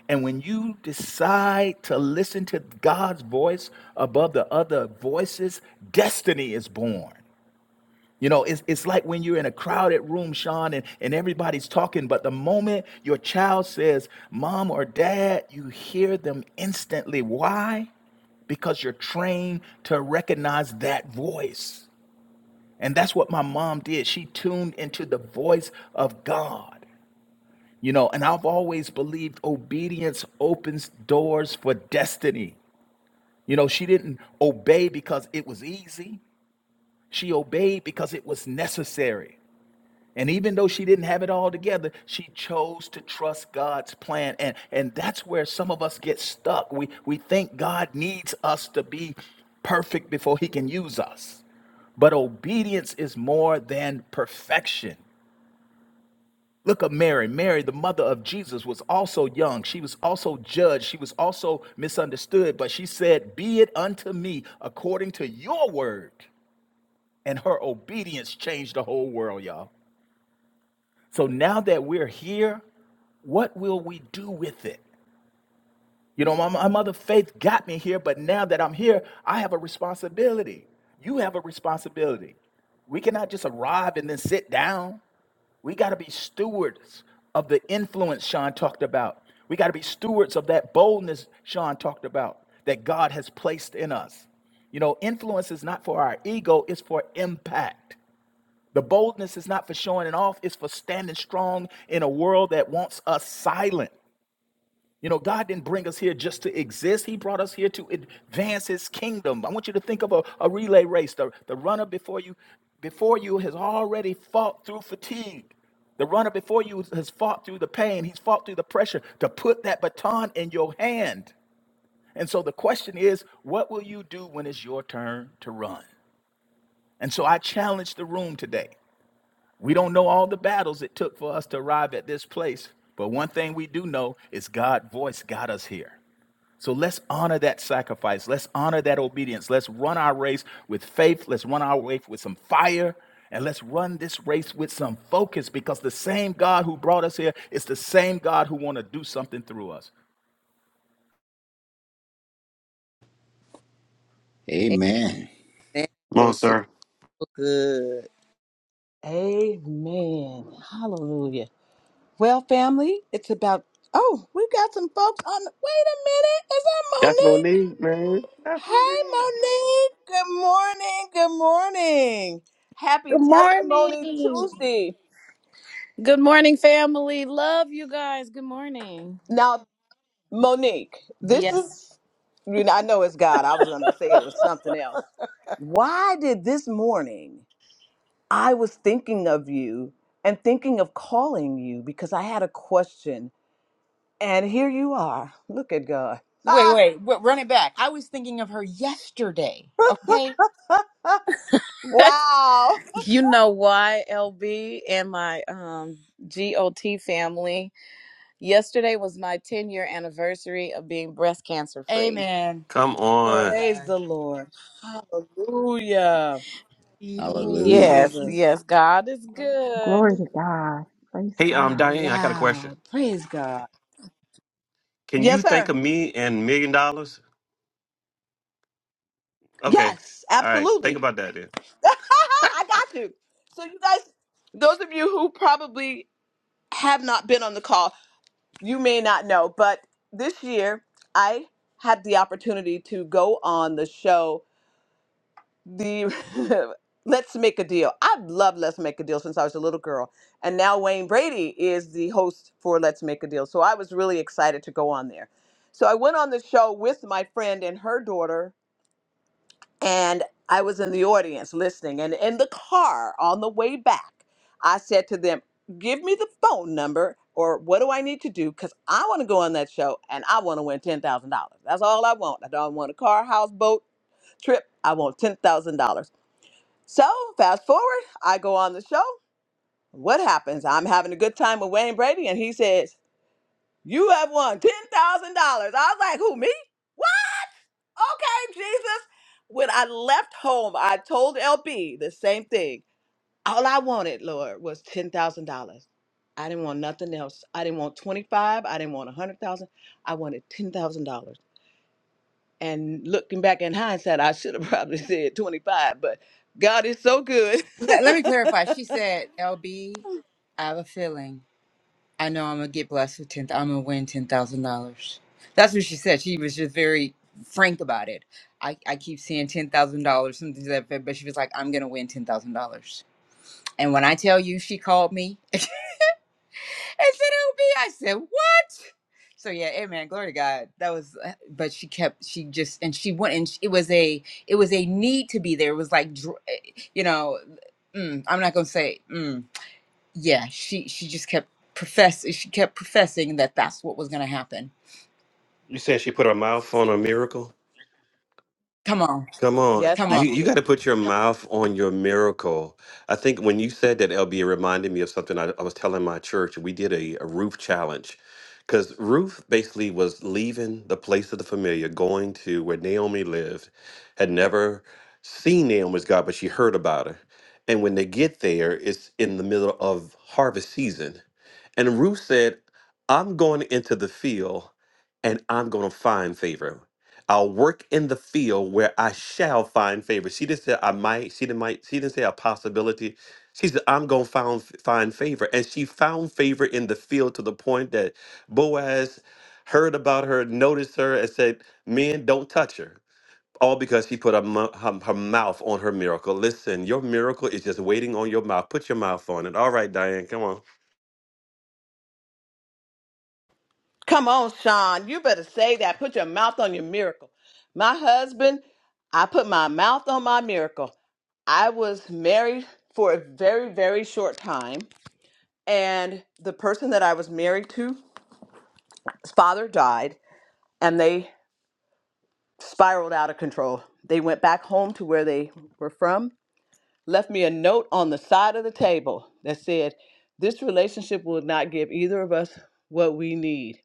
Speaker 5: And when you decide to listen to God's voice above the other voices, destiny is born. You know, it's, it's like when you're in a crowded room, Sean, and, and everybody's talking, but the moment your child says, Mom or Dad, you hear them instantly. Why? because you're trained to recognize that voice. And that's what my mom did. She tuned into the voice of God. You know, and I've always believed obedience opens doors for destiny. You know, she didn't obey because it was easy, she obeyed because it was necessary. And even though she didn't have it all together, she chose to trust God's plan. And, and that's where some of us get stuck. We, we think God needs us to be perfect before he can use us. But obedience is more than perfection. Look at Mary. Mary, the mother of Jesus, was also young. She was also judged. She was also misunderstood, but she said, Be it unto me according to your word. And her obedience changed the whole world, y'all. So now that we're here, what will we do with it? You know, my, my mother faith got me here, but now that I'm here, I have a responsibility. You have a responsibility. We cannot just arrive and then sit down. We got to be stewards of the influence Sean talked about. We got to be stewards of that boldness Sean talked about that God has placed in us. You know, influence is not for our ego, it's for impact. The boldness is not for showing it off, it's for standing strong in a world that wants us silent. You know, God didn't bring us here just to exist. He brought us here to advance his kingdom. I want you to think of a, a relay race. The, the runner before you before you has already fought through fatigue. The runner before you has fought through the pain. He's fought through the pressure to put that baton in your hand. And so the question is, what will you do when it's your turn to run? And so I challenge the room today. We don't know all the battles it took for us to arrive at this place, but one thing we do know is God's voice got us here. So let's honor that sacrifice. Let's honor that obedience. Let's run our race with faith. Let's run our race with some fire. And let's run this race with some focus because the same God who brought us here is the same God who want to do something through us.
Speaker 3: Amen.
Speaker 2: Amen. Oh, see, so good.
Speaker 1: Amen. Hallelujah. Well, family, it's about. Oh, we've got some folks on. the- Wait a
Speaker 6: That's no
Speaker 1: minute. Is that Monique?
Speaker 6: need, man. That's no need.
Speaker 1: Hey, Monique. Good morning. Good morning. Happy
Speaker 8: Good
Speaker 1: Testimony
Speaker 8: morning.
Speaker 1: Tuesday.
Speaker 8: Good morning, family. Love you guys. Good morning.
Speaker 1: Now, Monique, this
Speaker 8: Yes.
Speaker 1: is. you know, I know it's God. I was going to say it was something else. Why did this morning I was thinking of you and thinking of calling you because I had a question, and here you are. Look at God.
Speaker 4: Wait,
Speaker 1: Ah,
Speaker 4: wait, wait, run it back. I was thinking of her yesterday. Okay.
Speaker 1: wow.
Speaker 8: you know why, LB and my um, GOT family? Yesterday was my 10 year anniversary of being breast cancer free.
Speaker 4: Amen.
Speaker 6: Come
Speaker 4: Glory to
Speaker 6: on.
Speaker 1: Praise
Speaker 4: God.
Speaker 1: the Lord. Hallelujah. Ooh,
Speaker 3: Hallelujah.
Speaker 8: Yes,
Speaker 1: Jesus.
Speaker 8: yes, God is good.
Speaker 7: Glory to God. Praise
Speaker 6: Hey, um,
Speaker 7: God.
Speaker 6: Diane, I got a question.
Speaker 1: Wow. Praise God.
Speaker 6: Can
Speaker 1: Yes,
Speaker 6: you think
Speaker 1: sir.
Speaker 6: of me and million dollars? Okay.
Speaker 1: Yes,
Speaker 6: All right. Think
Speaker 1: absolutely.
Speaker 6: about that then.
Speaker 1: I got you. So you guys, those of you who probably have not been on the call, you may not know, but this year I had the opportunity to go on the show the Let's Make a Deal. I've loved Let's Make a Deal since I was a little girl. And now Wayne Brady is the host for Let's Make a Deal. So I was really excited to go on there. So I went on the show with my friend and her daughter, and I was in the audience listening. And in the car on the way back, I said to them, Give me the phone number or what do I need to do? Because I want to go on that show and I want to win $10,000. That's all I want. I don't want a car, house, boat, trip. I want $10,000. So, fast forward, I go on the show. What happens? I'm having a good time with Wayne Brady, and he says, You have won $10,000. I was like, Who, me? What? Okay, Jesus. When I left home, I told LB the same thing. All I wanted, Lord, was $10,000. I didn't want nothing else. I didn't want 25. I didn't want 100,000. I wanted $10,000. And looking back in hindsight, I should have probably said 25, but God is so good.
Speaker 4: Let, let me clarify. She said, LB, I have a feeling. I know I'm gonna get blessed with ten. I'm gonna win ten thousand dollars. That's what she said. She was just very frank about it. I, I keep seeing ten thousand dollars, something to that effect, but she was like, "I'm gonna win ten thousand dollars." And when I tell you, she called me and said, "It'll be," I said, "What?" So yeah, amen. Glory to God. That was, uh, but she kept. She just and she went and it was a it was a need to be there. It was like, dr- eh, you know, mm, I'm not gonna say. Mm, yeah she she just kept profess she kept professing that that's what was going to happen
Speaker 6: You said she put her mouth on a miracle?
Speaker 4: come on
Speaker 6: Come on.
Speaker 1: Yes,
Speaker 4: come
Speaker 1: I
Speaker 6: You
Speaker 4: on
Speaker 6: you
Speaker 1: did.
Speaker 6: got to put your mouth on your miracle. I think when you said that, LB, it reminded me of something I, I was telling my church. We did a, a roof challenge because Ruth basically was leaving the place of the familiar, going to where Naomi lived, had never seen Naomi's God, but she heard about her. And when they get there, it's in the middle of harvest season. And Ruth said, I'm going into the field and I'm going to find favor. I'll work in the field where I shall find favor. She didn't say I might. She didn't might. She didn't say a possibility. She said I'm gonna find find favor, and she found favor in the field to the point that Boaz heard about her, noticed her, and said, "Men, don't touch her." All because she put her, mu- her, her mouth on her miracle. Listen, your miracle is just waiting on your mouth. Put your mouth on it. All right, Diane, come on.
Speaker 1: Come on, Sean. You better say that. Put your mouth on your miracle. My husband, I put my mouth on my miracle. I was married for a very, very short time, and the person that I was married to, his father died, and they spiraled out of control. They went back home to where they were from, left me a note on the side of the table that said, This relationship will not give either of us what we need.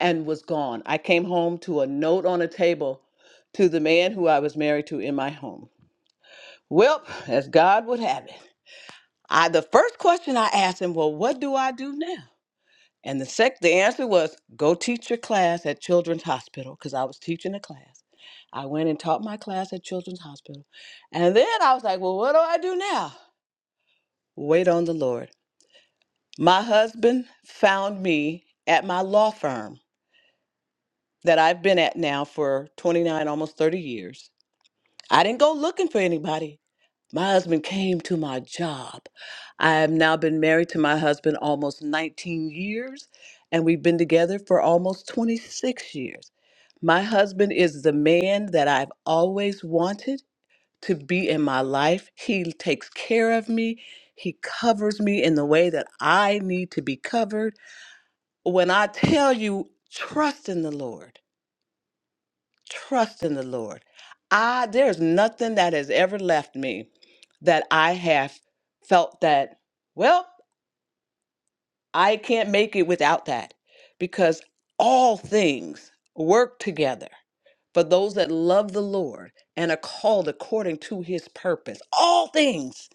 Speaker 1: and was gone. I came home to a note on a table to the man who I was married to in my home. Well, as God would have it, I the first question I asked him, well, what do I do now? And the sec the answer was go teach your class at Children's Hospital because I was teaching a class. I went and taught my class at Children's Hospital. And then I was like, well, what do I do now? Wait on the Lord. My husband found me at my law firm that I've been at now for 29 almost 30 years I didn't go looking for anybody. My husband came to my job. I have now been married to my husband almost 19 years, and we've been together for almost 26 years. My husband is the man that I've always wanted to be in my life. He takes care of me, he covers me in the way that I need to be covered. When I tell you, trust in the Lord trust in the Lord. I there's nothing that has ever left me that I have felt that, well, I can't make it without that because all things work together for those that love the Lord and are called according to his purpose. All things,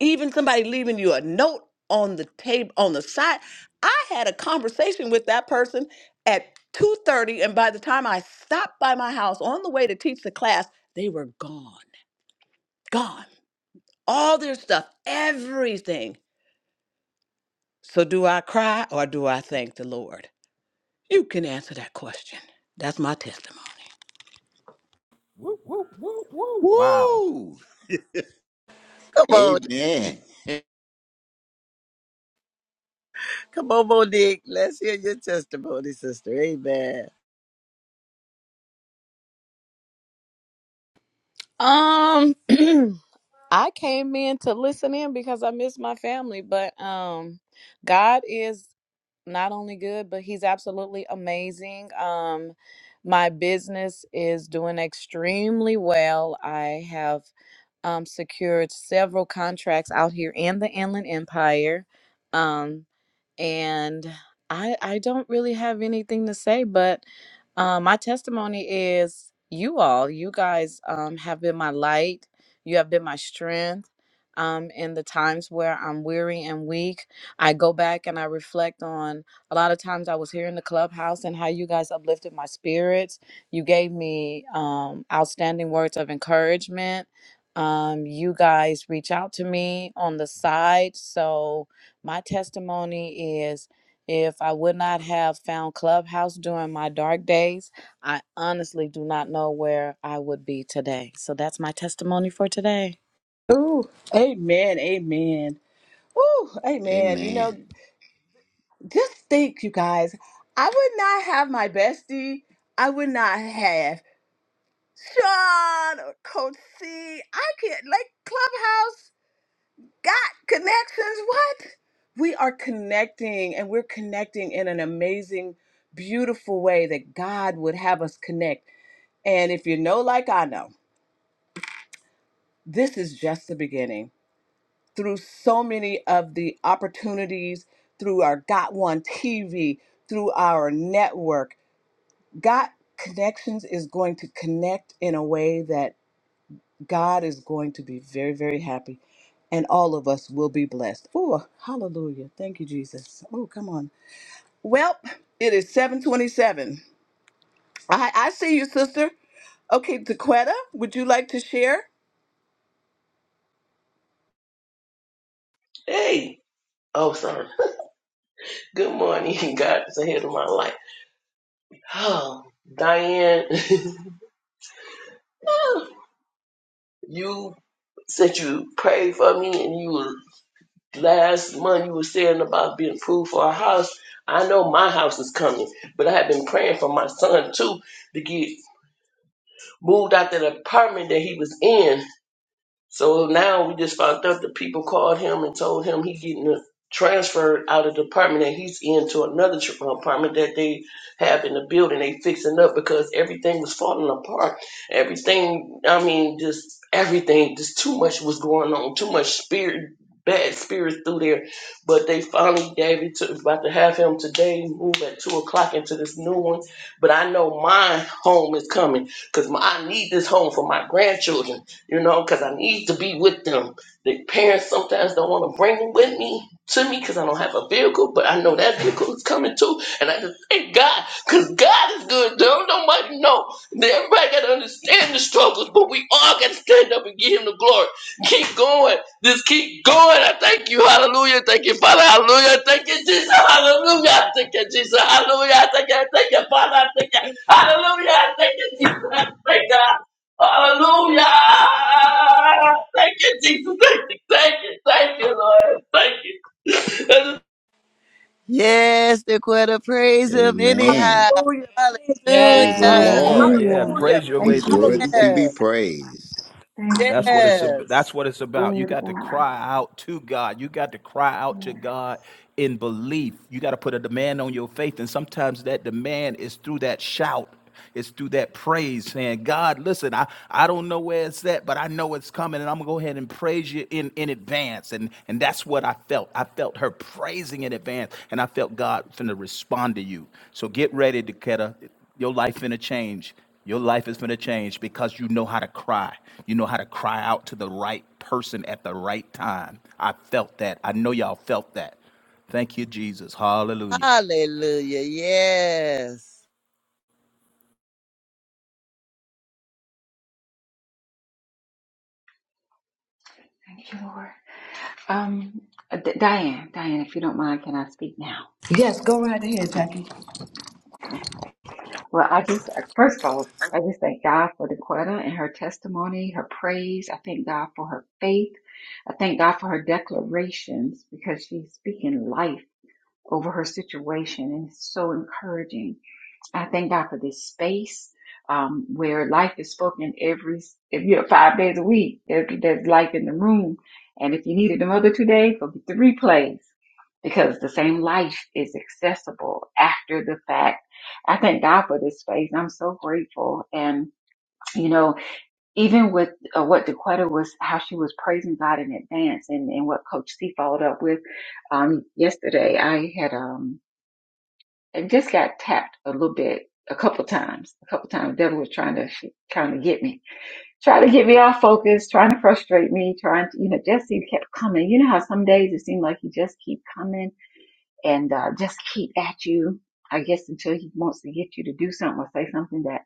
Speaker 1: even somebody leaving you a note on the table on the side. I had a conversation with that person at 2:30 and by the time I stopped by my house on the way to teach the class, they were gone. Gone. All their stuff, everything. So do I cry or do I thank the Lord? You can answer that question. That's my testimony.
Speaker 5: Woo, woo, woo, woo. Wow.
Speaker 3: Woo!
Speaker 2: Come on.
Speaker 3: Amen.
Speaker 2: Come on, Monique. Let's hear your testimony, sister. Amen.
Speaker 8: Um, I came in to listen in because I miss my family, but um, God is not only good, but he's absolutely amazing. Um, my business is doing extremely well. I have um, secured several contracts out here in the Inland Empire. Um, and I I don't really have anything to say, but um, my testimony is you all, you guys um, have been my light. You have been my strength. Um, in the times where I'm weary and weak, I go back and I reflect on a lot of times I was here in the clubhouse and how you guys uplifted my spirits. You gave me um, outstanding words of encouragement. Um, you guys reach out to me on the side. So, my testimony is if I would not have found Clubhouse during my dark days, I honestly do not know where I would be today. So that's my testimony for today.
Speaker 1: Ooh, amen, amen. Ooh, amen. You know,
Speaker 3: Amen.
Speaker 1: just think, you guys, I would not have my bestie. I would not have Sean or Coach C. I can't, like, Clubhouse. Got connections, what? We are connecting and we're connecting in an amazing, beautiful way that God would have us connect. And if you know, like I know, this is just the beginning. Through so many of the opportunities, through our Got One TV, through our network, Got Connections is going to connect in a way that God is going to be very, very happy, and all of us will be blessed. Oh, hallelujah. Thank you, Jesus. Oh, come on. Well, it is 727. I, I see you, sister. Okay, Dequetta, would you like to share?
Speaker 9: Hey. Oh, sorry. Good morning. God is ahead of my life. Oh, Diane, you said you prayed for me and you were, last month you were saying about being approved for a house. I know my house is coming, but I have been praying for my son too to get moved out that apartment that he was in. So now we just found out that people called him and told him he getting transferred out of the apartment that he's in to another tr- uh, apartment that they have in the building. They fixing up because everything was falling apart. Everything, I mean, just everything, just too much was going on. Too much spirit, bad spirits through there. But they finally gave it to. About to have him today. Move at two o'clock into this new one. But I know my home is coming because I need this home for my grandchildren you know, because I need to be with them. The parents sometimes don't want to bring them with me to me because I don't have a vehicle, but I know that vehicle is coming too. And I just thank God because God is good. Don't nobody know. Everybody got to understand the struggles, but we all got to stand up and give Him the glory. Keep going. Just keep going. I thank you. Hallelujah. Thank you, Father. Hallelujah. Thank you, Jesus. Hallelujah. I thank you, Jesus. Hallelujah. I thank you. I thank you, Father. I thank you. Hallelujah. I thank you, Jesus. I thank God. Hallelujah. Thank you, Jesus. Thank you. Thank you. Thank you, Lord. Thank you.
Speaker 2: Yes, Dequetta, praise him
Speaker 3: Amen.
Speaker 2: anyhow.
Speaker 3: Praise the
Speaker 4: yes
Speaker 2: Hallelujah.
Speaker 5: Yeah,
Speaker 3: Lord.
Speaker 5: yeah.
Speaker 7: Hallelujah.
Speaker 1: Hallelujah.
Speaker 5: Praise your
Speaker 7: Thank
Speaker 5: way
Speaker 3: He's
Speaker 7: you,
Speaker 5: through.
Speaker 3: worthy to be
Speaker 2: Yes.
Speaker 7: Jesus.
Speaker 3: praised.
Speaker 7: Thank
Speaker 5: That's
Speaker 7: you,
Speaker 5: what it's ab-
Speaker 2: Yes.
Speaker 5: that's
Speaker 7: Jesus.
Speaker 5: what it's about. You
Speaker 7: Glory to
Speaker 5: got to
Speaker 7: God.
Speaker 5: cry out to God. You got to cry out
Speaker 7: Yeah.
Speaker 5: to God in belief. You got to put a demand on your faith and sometimes that demand is through that shout. It's through that praise saying, God, listen, I, I don't know where it's at, but I know it's coming and I'm gonna go ahead and praise you in, in advance. And and that's what I felt. I felt her praising in advance and I felt God finna respond to you. So get ready, Dakota. Your life finna change. Your life is going to change because you know how to cry. You know how to cry out to the right person at the right time. I felt that. I know y'all felt that. Thank you, Jesus. Hallelujah.
Speaker 2: Hallelujah. Yes.
Speaker 7: Thank you, Lord. Um, D- Diane, Diane, if you don't mind, can I speak now?
Speaker 1: Yes, go right ahead, Jackie.
Speaker 7: Okay. Well, I just, first of all, I just thank God for Dequetta and her testimony, her praise. I thank God for her faith. I thank God for her declarations because she's speaking life over her situation and it's so encouraging. I thank God for this space um, where life is spoken every, if you're five days a week, there- there's life in the room. And if you needed them other two days, go get the replays because the same life is accessible after the fact. I thank God for this space. I'm so grateful. And, you know, even with uh, what Dequetta was, how she was praising God in advance and, and what Coach C followed up with um, yesterday, I had. um, and just got tapped a little bit a couple times. A couple times, the devil was trying to kind of get me, trying to get me off focus, trying to frustrate me, trying to, you know, just he kept coming. You know how some days it seemed like he just keep coming and uh, just keep at you. I guess until he wants to get you to do something or say something that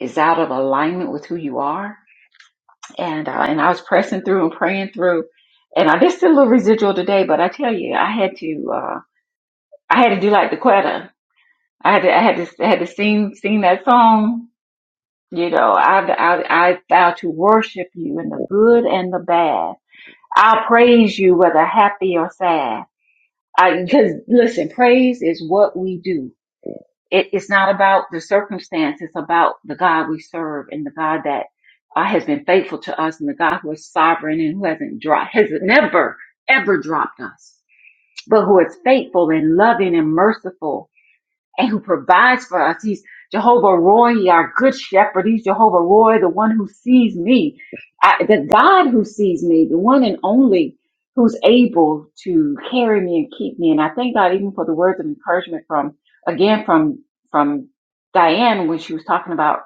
Speaker 7: is out of alignment with who you are. And uh, and I was pressing through and praying through, and I just did a little residual today. But I tell you, I had to uh, I had to do like the Quetta. I had to, I had to, I had to sing, sing that song. You know, I, I, I vow to worship you in the good and the bad. I'll praise you whether happy or sad. I, cause listen, praise is what we do. It, it's not about the circumstance. It's about the God we serve and the God that uh, has been faithful to us and the God who is sovereign and who hasn't dropped, has never, ever dropped us, but who is faithful and loving and merciful and who provides for us. He's Jehovah Roy, our good shepherd. He's Jehovah Roy, the one who sees me, I, the God who sees me, the one and only who's able to carry me and keep me. And I thank God even for the words of encouragement from, again, from, from Diane when she was talking about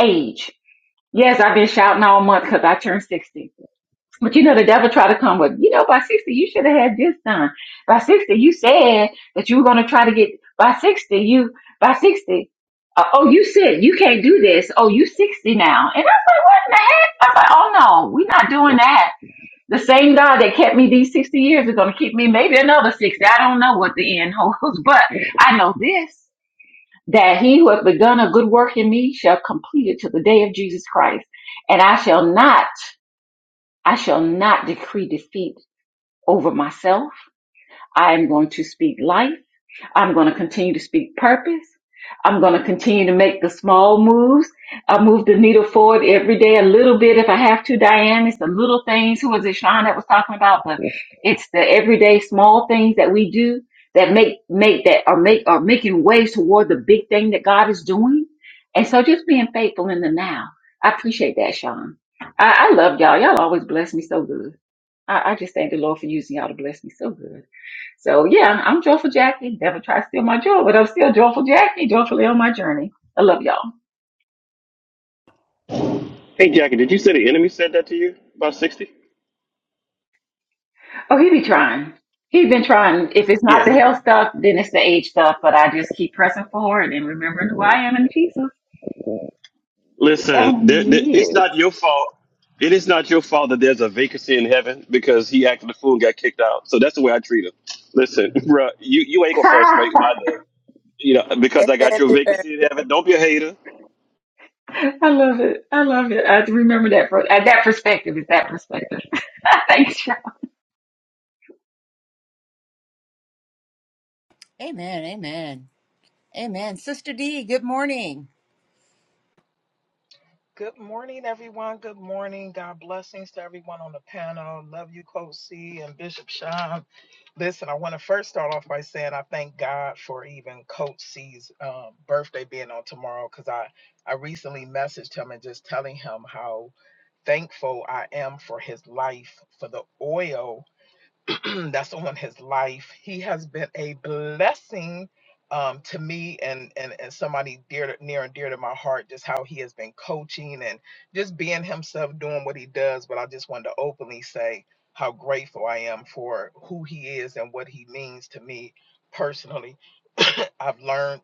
Speaker 7: age. Yes, I've been shouting all month because I turned 60. But you know, the devil tried to come with, you know, by 60, you should have had this done. By 60, you said that you were going to try to get, by 60, you, by 60, uh, oh, you said you can't do this. Oh, you 60 now. And I was like, what in the heck? I was like, oh no, we're not doing that. The same God that kept me these 60 years is going to keep me maybe another 60. I don't know what the end holds, but I know this. That he who hath begun a good work in me shall complete it to the day of Jesus Christ. And I shall not, I shall not decree defeat over myself. I am going to speak life. I'm going to continue to speak purpose. I'm going to continue to make the small moves. I move the needle forward every day a little bit if I have to, Diane. It's the little things. Who was it, Sean, that was talking about? But it's the everyday small things that we do that make, make that are make, are making waves toward the big thing that God is doing. And so just being faithful in the now. I appreciate that, Sean. I, I love y'all. Y'all always bless me so good. I, I just thank the Lord for using y'all to bless me so good. So yeah, I'm joyful Jackie. Never try to steal my joy, but I'm still joyful Jackie, joyfully on my journey. I love y'all.
Speaker 6: Hey, Jackie, did you say the enemy said that to you about 60?
Speaker 7: Oh, he be trying. He's been trying. If it's not
Speaker 6: Yeah, he,
Speaker 7: the health stuff, then it's the age stuff. But I just keep pressing forward and remembering who I am in Jesus.
Speaker 6: Listen, there,
Speaker 7: And
Speaker 6: there,
Speaker 7: he
Speaker 6: it's
Speaker 7: is.
Speaker 6: not your fault. It is not your fault that there's a vacancy in heaven because he acted a fool and got kicked out. So that's the way I treat him. Listen, bruh, you, you ain't gonna
Speaker 7: I
Speaker 6: frustrate my day. You know, because I got
Speaker 2: Amen.
Speaker 6: your vacancy in heaven. Don't be a hater.
Speaker 7: love it. I love it. I remember that. From, uh, that perspective is that perspective. Thanks, y'all.
Speaker 4: amen amen amen sister d good morning
Speaker 10: Good morning, everyone. Good morning. God blessings to everyone on the panel. Love you, Coach C and Bishop Sean. Listen, I want to first start off by saying I thank God for even Coach C's um, birthday being on tomorrow because I, I recently messaged him and just telling him how thankful I am for his life, for the oil that's on his life. He has been a blessing um, to me and, and and somebody dear to, near and dear to my heart. Just how he has been coaching and just being himself, doing what he does. But I just wanted to openly say how grateful I am for who he is and what he means to me personally. I've learned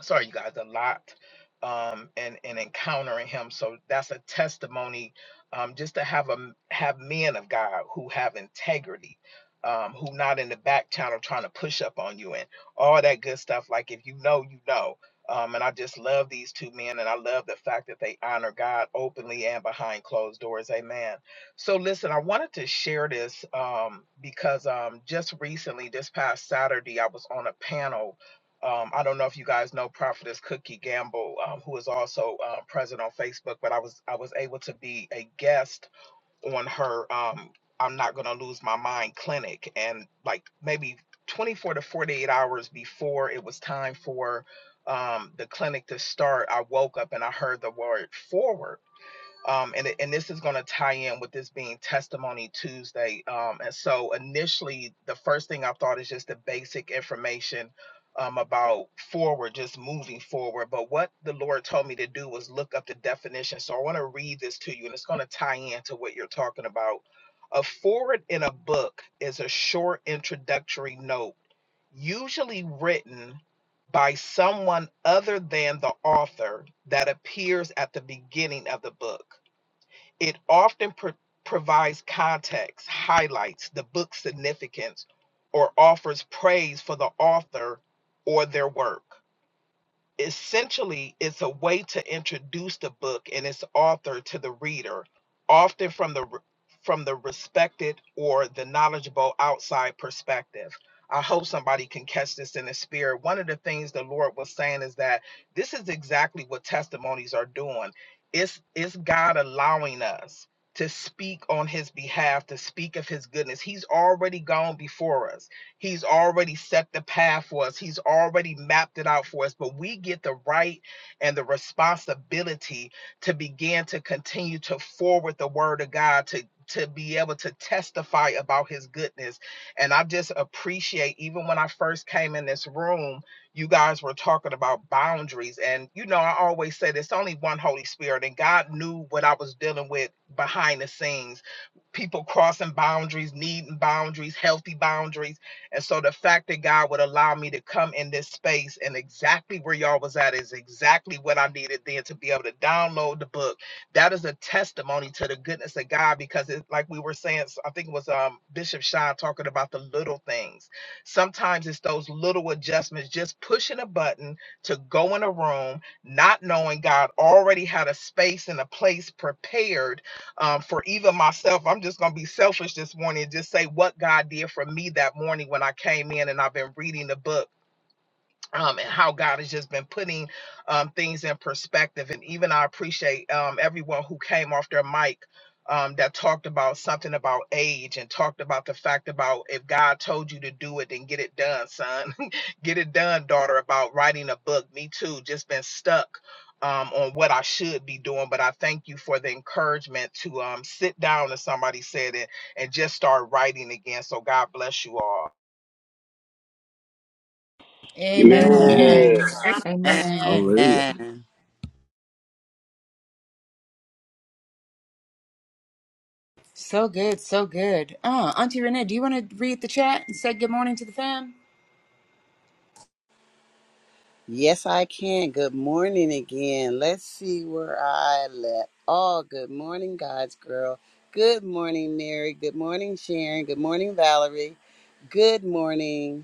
Speaker 10: sorry you guys a lot um and and encountering him so that's a testimony um just to have a have men of god who have integrity um who not in the back channel trying to push up on you and all that good stuff like if you know you know um and i just love these two men and i love the fact that they honor god openly and behind closed doors amen so listen i wanted to share this um because um just recently this past saturday i was on a panel um, I don't know if you guys know Prophetess Cookie Gamble, um, who is also uh, present on Facebook, but I was I was able to be a guest on her um, "I'm Not Gonna Lose My Mind" clinic, and like maybe 24 to 48 hours before it was time for um, the clinic to start, I woke up and I heard the word "forward," um, and and this is going to tie in with this being Testimony Tuesday. Um, and so initially, the first thing I thought is just the basic information um, about forward, just moving forward. But what the Lord told me to do was look up the definition. So I want to read this to you, and it's going to tie into what you're talking about. A forward in a book is a short introductory note, usually written by someone other than the author, that appears at the beginning of the book. It often pro- provides context, highlights the book's significance, or offers praise for the author or their work essentially it's a way to introduce the book and its author to the reader often from the r- from the respected or the knowledgeable outside perspective i hope somebody can catch this in the spirit one of the things the lord was saying is that this is exactly what testimonies are doing it's it's god allowing us to speak on his behalf to speak of his goodness he's already gone before us He's already set the path for us, He's already mapped it out for us. But we get the right and the responsibility to begin to continue to forward the word of God to. To be able to testify about his goodness. And I just appreciate, even when I first came in this room, you guys were talking about boundaries. And, you know, I always said it's only one Holy Spirit, and God knew what I was dealing with behind the scenes people crossing boundaries, needing boundaries, healthy boundaries. And so the fact that God would allow me to come in this space and exactly where y'all was at is exactly what I needed then to be able to download the book. That is a testimony to the goodness of God because it's like we were saying, I think it was um, Bishop Shine talking about the little things. Sometimes it's those little adjustments, just pushing a button to go in a room, not knowing God already had a space and a place prepared um, for even myself, I'm just going to be selfish this morning and just say what God did for me that morning when I came in and I've been reading the book um, and how God has just been putting um, things in perspective. And even I appreciate um, everyone who came off their mic um, that talked about something about age and talked about the fact about if God told you to do it, then get it done, son. get it done, daughter, about writing a book. Me too, just been stuck. Um, on what I should be doing, but I thank you for the encouragement to um, sit down, as somebody said it, and just start writing again. So God bless you all.
Speaker 6: Yeah.
Speaker 4: amen
Speaker 3: Amen.
Speaker 7: Amen.
Speaker 2: Amen.
Speaker 7: Amen.
Speaker 4: amen
Speaker 3: Hallelujah.
Speaker 2: Amen.
Speaker 4: so good so good uh auntie renee do you want to read the chat and say good morning to the fam
Speaker 2: Yes, I can. Good morning again. Let's see where I left. Oh, good morning, God's girl. Good morning, Mary. Good morning, Sharon. Good morning, Valerie. Good morning.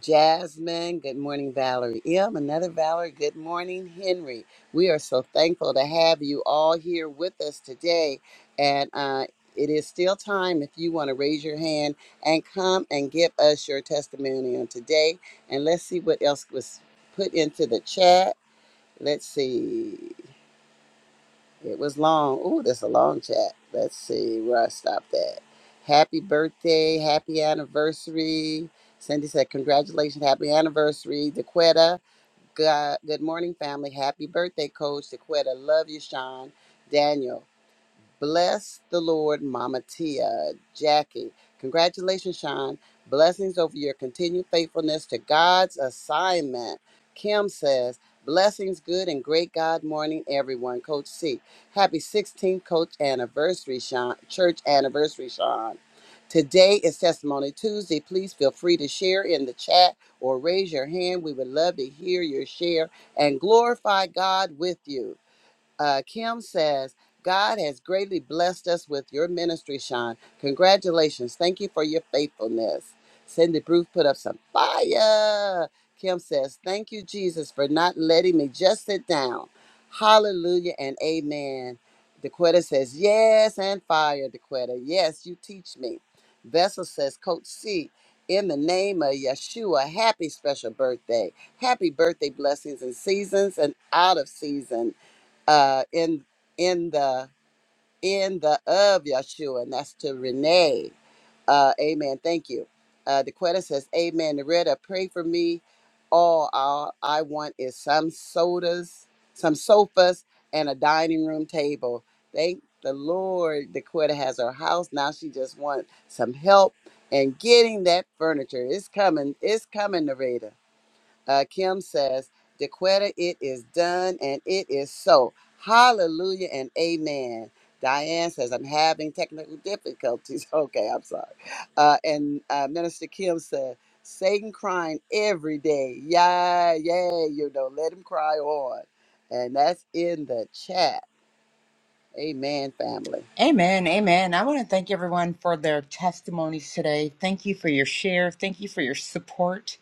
Speaker 2: Jasmine, good morning, Valerie. M, another Valerie, good morning, Henry. We are so thankful to have you all here with us today. And uh, it is still time if you want to raise your hand and come and give us your testimony on today. And let's see what else was put into the chat. Let's see. It was long. Ooh, that's a long chat. Let's see where I stopped at. Happy birthday, happy anniversary. Cindy said, Congratulations, happy anniversary. DeQuetta, good, good morning, family. Happy birthday, Coach DeQuetta. Love you, Sean. Daniel, Bless the Lord, Mama Tia, Jackie. Congratulations, Sean. Blessings over your continued faithfulness to God's assignment. Kim says, Blessings, good and great God morning, everyone. Coach C. Happy 16th coach anniversary, Sean. Church anniversary, Sean. Today is Testimony Tuesday. Please feel free to share in the chat or raise your hand. We would love to hear your share and glorify God with you. Uh, Kim says, God has greatly blessed us with your ministry, Sean. Congratulations. Thank you for your faithfulness. Cindy Bruce put up some fire. Kim says, Thank you, Jesus, for not letting me just sit down. Hallelujah and amen. DeQuetta says, Yes, and fire, DeQuetta. Yes, you teach me. Vessel says, Coach C, in the name of Yeshua, happy special birthday. Happy birthday, blessings and seasons and out of season uh, in in the in the of Yeshua, and that's to Renee. Uh, amen. Thank you. Uh, DeQuetta says, "Amen." Loretta, pray for me. All I, I want is some sodas, some sofas, and a dining room table. Thank the Lord. DeQuetta has her house now. She just wants some help and getting that furniture. It's coming. It's coming, Loretta. Uh, Kim says, Dequetta, it is done and it is so. Hallelujah and amen. Diane says, I'm having technical difficulties. Okay, I'm sorry. Uh, and uh, Minister Kim said, Satan crying every day. Yeah, yeah, you know, let him cry on. And that's in the chat. Amen, family.
Speaker 4: Amen. Amen. I want to thank everyone for their testimonies today. Thank you for your share. Thank you for your support.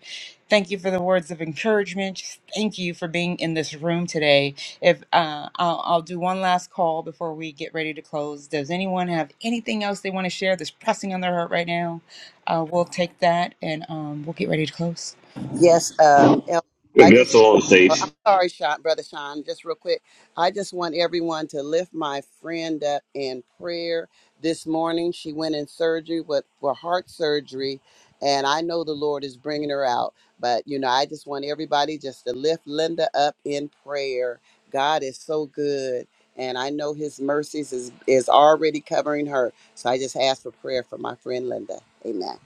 Speaker 4: Thank you for the words of encouragement. Thank you for being in this room today. If uh, I'll, I'll do one last call before we get ready to close. Does anyone have anything else they want to share that's pressing on their heart right now? Uh, we'll take that and um, we'll get ready to close.
Speaker 2: Yes, um, El- I just,
Speaker 6: Vessel on the
Speaker 2: uh, I'm
Speaker 6: stage.
Speaker 2: sorry, Sean, brother Sean, just real quick. I just want everyone to lift my friend up in prayer this morning. She went in surgery with for heart surgery, and I know the Lord is bringing her out. But you know, I just want everybody just to lift Linda up in prayer. God is so good, and I know His mercies is is already covering her. So I just ask for prayer for my friend Linda. Amen.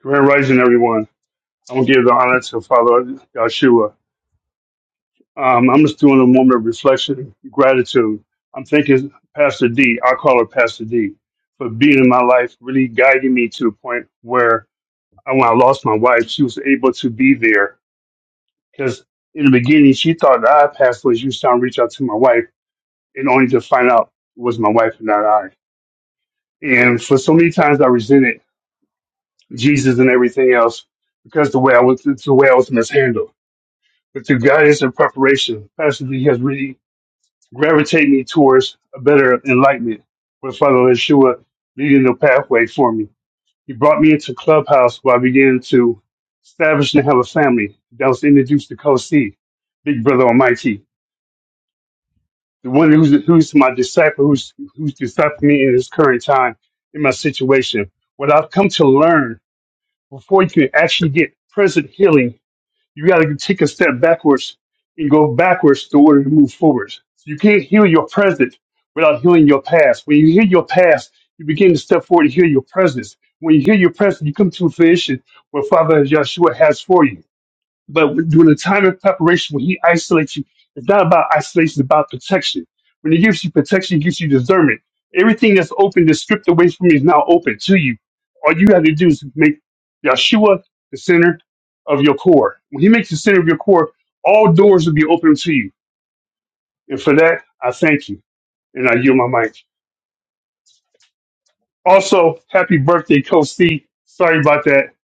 Speaker 11: Grand Rising, everyone. I want to give the honor to Father Yahshua. Um, I'm just doing a moment of reflection, and gratitude. I'm thanking Pastor D, I call her Pastor D, for being in my life, really guiding me to the point where uh, when I lost my wife, she was able to be there. Because in the beginning, she thought that I passed away. She was trying to reach out to my wife, and only to find out it was my wife and not I. And for so many times, I resented Jesus and everything else because the way I was, it's the way I was mishandled But through guidance and preparation, Pastor D has really gravitated me towards a better enlightenment with Father Yeshua leading the pathway for me. He brought me into Clubhouse where I began to establish and have a family that was introduced to Coach C, Big Brother Almighty, the one who's, who's my disciple, who's, who's discipling me in this current time, in my situation. What I've come to learn before you can actually get present healing You got to take a step backwards and go backwards in order to move forwards. So you can't heal your present without healing your past. When you heal your past, you begin to step forward and heal your presence. When you heal your present, you come to a fruition what Father Yeshua has for you. But when- during the time of preparation, when he isolates you, it's not about isolation, it's about protection. When he gives you protection, he gives you discernment. Everything that's open, that's stripped away from you, is now open to you. All you have to do is make Yeshua the center of your core. When he makes the center of your core, all doors will be open to you. And for that, I thank you. And I yield my mic. Also, happy birthday, Coach C. Sorry about that.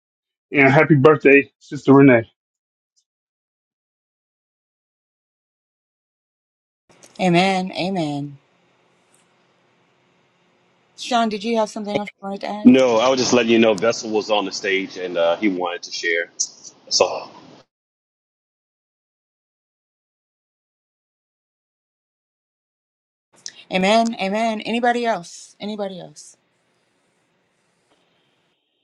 Speaker 11: And happy birthday, Sister Renee.
Speaker 4: Amen. Amen. Sean, did you have something else you wanted to add?
Speaker 6: No, I was just letting you know Vessel was on the stage and uh, he wanted to share. That's all.
Speaker 4: Amen. Amen. Anybody else? Anybody else?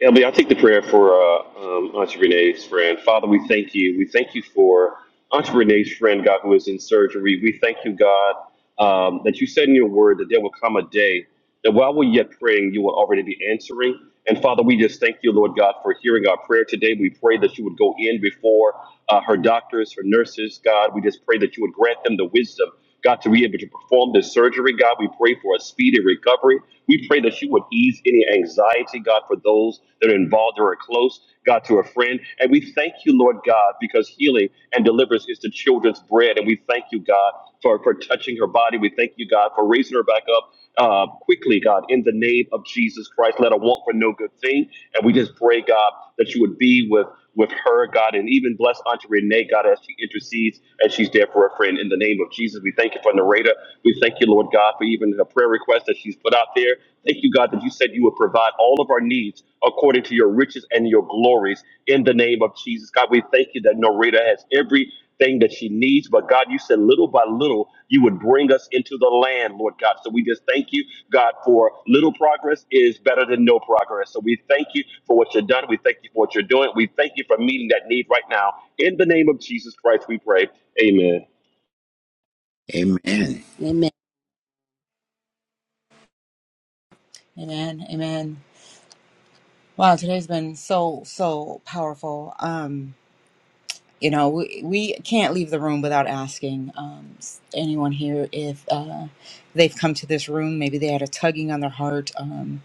Speaker 6: LB, i take the prayer for uh, um, Auntie Renee's friend. Father, we thank you. We thank you for Auntie Renee's friend, God, who is in surgery. We thank you, God, um, that you said in your word that there will come a day that while we're yet praying, you will already be answering. And Father, we just thank you, Lord God, for hearing our prayer today. We pray that you would go in before uh, her doctors, her nurses, God. We just pray that you would grant them the wisdom God, to be able to perform this surgery, God, we pray for a speedy recovery. We pray that you would ease any anxiety, God, for those that are involved or are close, God, to a friend. And we thank you, Lord God, because healing and deliverance is the children's bread. And we thank you, God, for, for touching her body. We thank you, God, for raising her back up uh, quickly, God, in the name of Jesus Christ. Let her want for no good thing. And we just pray, God, that you would be with with her, God, and even bless Auntie Renee, God, as she intercedes and she's there for her friend. In the name of Jesus, we thank you for Nareda We thank you, Lord God, for even the prayer request that she's put out there. Thank you, God, that you said you would provide all of our needs according to your riches and your glories. In the name of Jesus, God, we thank you that Nareda has every thing that she needs. But God, you said little by little, you would bring us into the land, Lord God. So we just thank you, God, for little progress is better than no progress. So we thank you for what you've done. We thank you for what you're doing. We thank you for meeting that need right now. In the name of Jesus Christ, we pray. Amen.
Speaker 3: Amen.
Speaker 2: Amen.
Speaker 4: Amen. Amen. Wow, today's been so so powerful. Um, you know, we we can't leave the room without asking um, s- anyone here if uh, they've come to this room. Maybe they had a tugging on their heart. Um,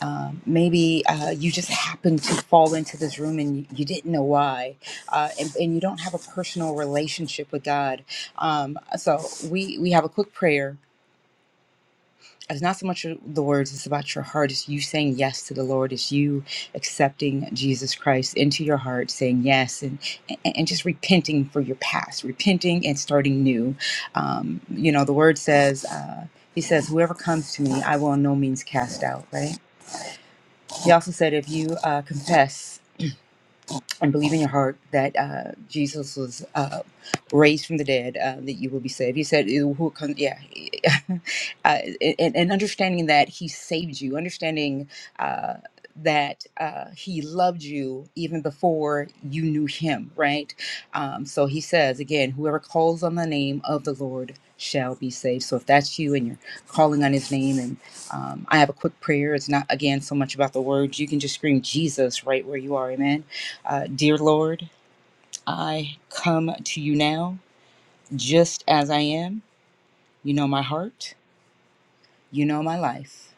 Speaker 4: um, maybe uh, you just happened to fall into this room and you, you didn't know why, uh, and, and you don't have a personal relationship with God. Um, so we we have a quick prayer it's not so much the words it's about your heart it's you saying yes to the lord it's you accepting jesus christ into your heart saying yes and and, and just repenting for your past repenting and starting new um, you know the word says uh, he says whoever comes to me i will in no means cast out right he also said if you uh, confess and believe in your heart that uh, Jesus was uh, raised from the dead, uh, that you will be saved. He said, "Who who comes?" Yeah, uh, and, and understanding that He saved you, understanding uh, that uh, He loved you even before you knew Him, right? Um, so He says again, "Whoever calls on the name of the Lord." Shall be saved. So if that's you and you're calling on his name, and um, I have a quick prayer. It's not again so much about the words. You can just scream Jesus right where you are. Amen uh, Dear Lord, I come to you now just as I am. You know my heart. You know my life.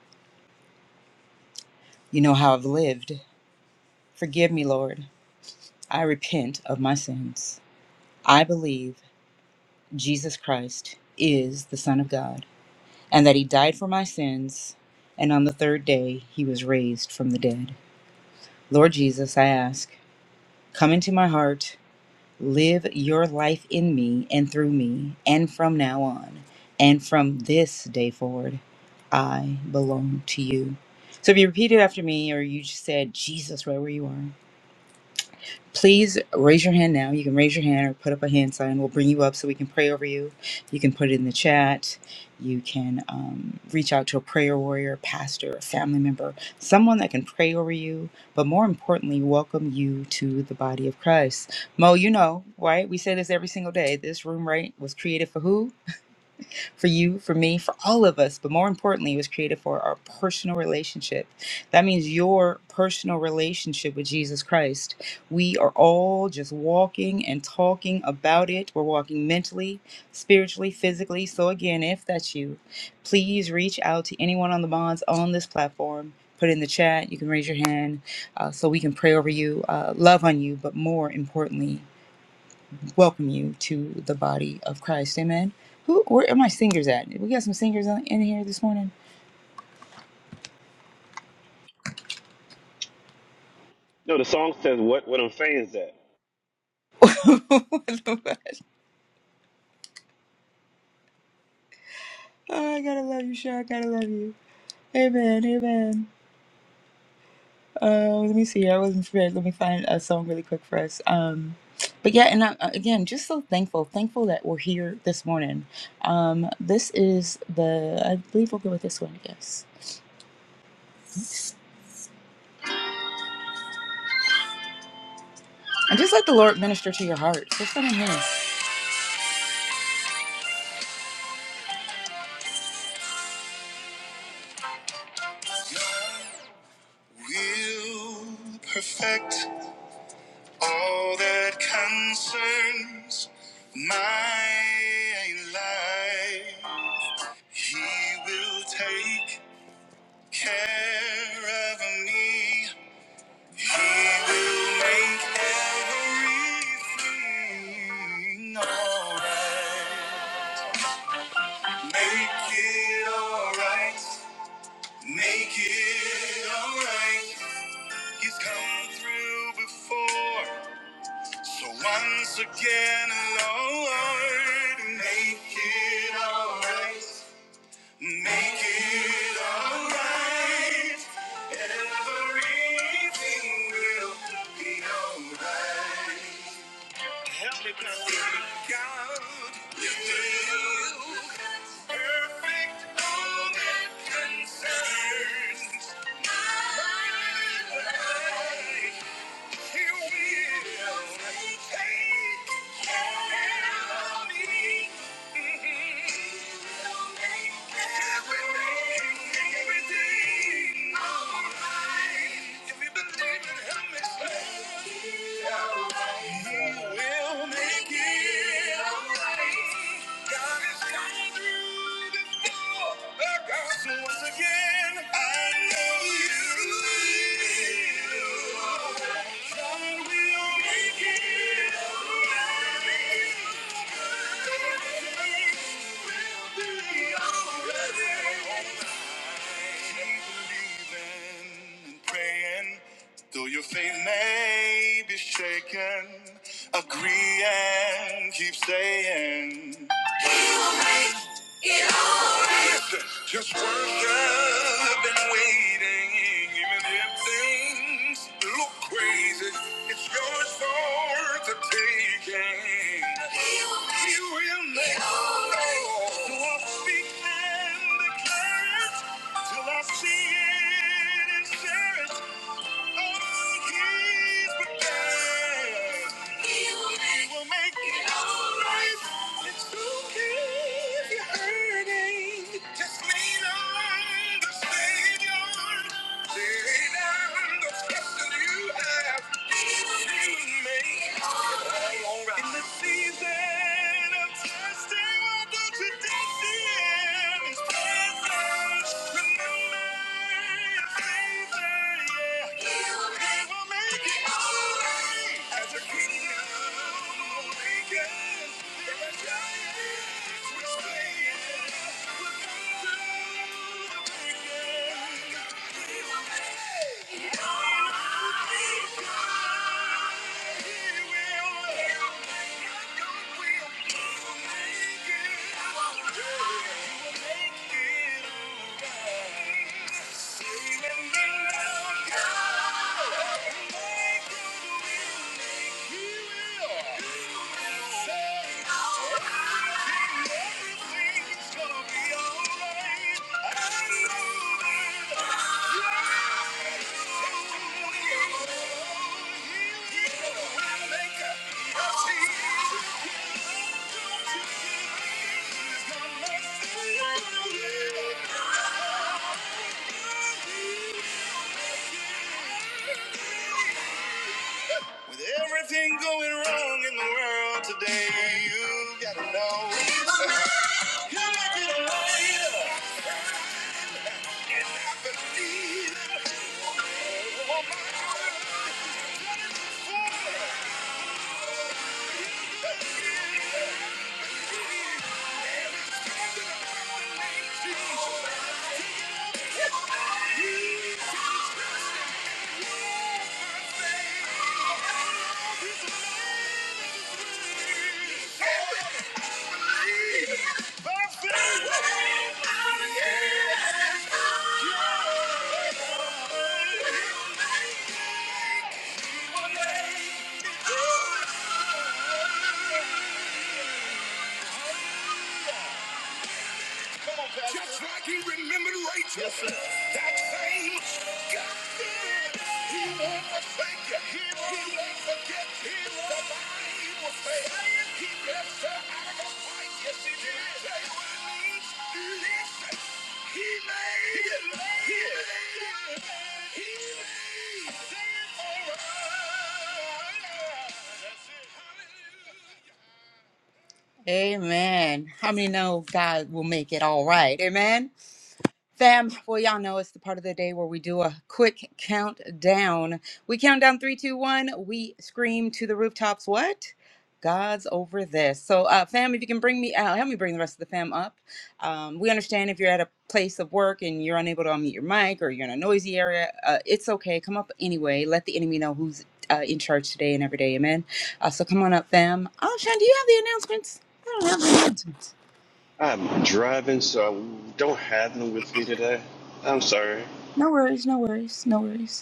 Speaker 4: You know how I've lived. Forgive me, Lord. I repent of my sins. I believe Jesus Christ is the Son of God and that He died for my sins, and on the third day He was raised from the dead. Lord Jesus, I ask, come into my heart Live your life in me and through me and from now on and from this day forward. I belong to you. So if you repeat it after me or you just said Jesus right where you are, please raise your hand now. You can raise your hand or put up a hand sign. We'll bring you up so we can pray over you. You can put it in the chat. You can um, reach out to a prayer warrior, pastor, a family member, someone that can pray over you, but more importantly, welcome you to the body of Christ. Mo, you know, right? We say this every single day. This room, right, was created for who? for you, for me, for all of us. But more importantly, it was created for our personal relationship. That means your personal relationship with Jesus Christ. We are all just walking and talking about it. We're walking mentally, spiritually, physically. So, again, if that's you, please reach out to anyone on the bonds on this platform. Put it in the chat. You can raise your hand uh, so we can pray over you, uh, love on you, but more importantly, welcome you to the body of Christ. Amen. Who? Where are my singers at? We got some singers on, in here this morning.
Speaker 6: No, the song says what what I'm saying is that
Speaker 4: oh, I gotta love you, sure. I gotta love you. Amen. Amen. Uh, let me see. I wasn't prepared. Let me find a song really quick for us. Um, but yeah, and I, again, just so thankful, thankful that we're here this morning. Um, this is the. I believe we'll go with this one. I guess. And just let the Lord minister to your heart. Just let Him in. Will perfect. All that concerns my life, He will take care of me. He will make everything alright. Make it alright. Make it alright. He's come through before. So once again, Lord, make it alright. Make it alright. Everything will be alright. Help me, God. God, you will. Perfect all that concerns my life. Make it alright. God is coming through. So once again, I know you. God will make it right. Everything will be alright. Keep believing and praying. Though your faith may be shaken, agree and keep saying just worship and waiting. Even if things look crazy, it's yours for the taking. He will make He will make all right. all. So I'll speak and declare it till I see it and share it. He will make it all right. Let's go. If you're hurting, just lean on the Savior. Lay down those crosses you have. He will make. All right. In the season of testing, what God you did in His presence. Remember His favor, yeah. He will make He will make it all right. As a kingdom awaken, there are giants we're slaying. We're come to the breaking. Yeah. Thank you. With everything going wrong in the world today, you gotta know. you might be the light, but need it. Oh, my God. By faith. Yeah. One day. Just like he remembered Rachel. Yes, sir. That same God. did. He won't forsake you. He won't, he won't forget you. Somebody he will say, he blessed her out of a fight. Yes, he did. Say what it means. Listen. He made it. He made it. He made it all right. That's it. Hallelujah. Amen. How many know God will make it all right? Amen. Fam, well, y'all know it's the part of the day where we do a quick countdown. We count down three, two, one. We scream to the rooftops, what? God's over this. So, uh, fam, if you can bring me out, help me bring the rest of the fam up. Um, we understand if you're at a place of work and you're unable to unmute your mic or you're in a noisy area, uh, it's okay. Come up anyway. Let the enemy know who's uh, in charge today and every day. Amen. Uh, so, come on up, fam. Oh, Sean, do you have the announcements? I don't have the announcements.
Speaker 6: I'm driving, so I don't have them with me today. I'm sorry.
Speaker 4: No worries, no worries, no worries.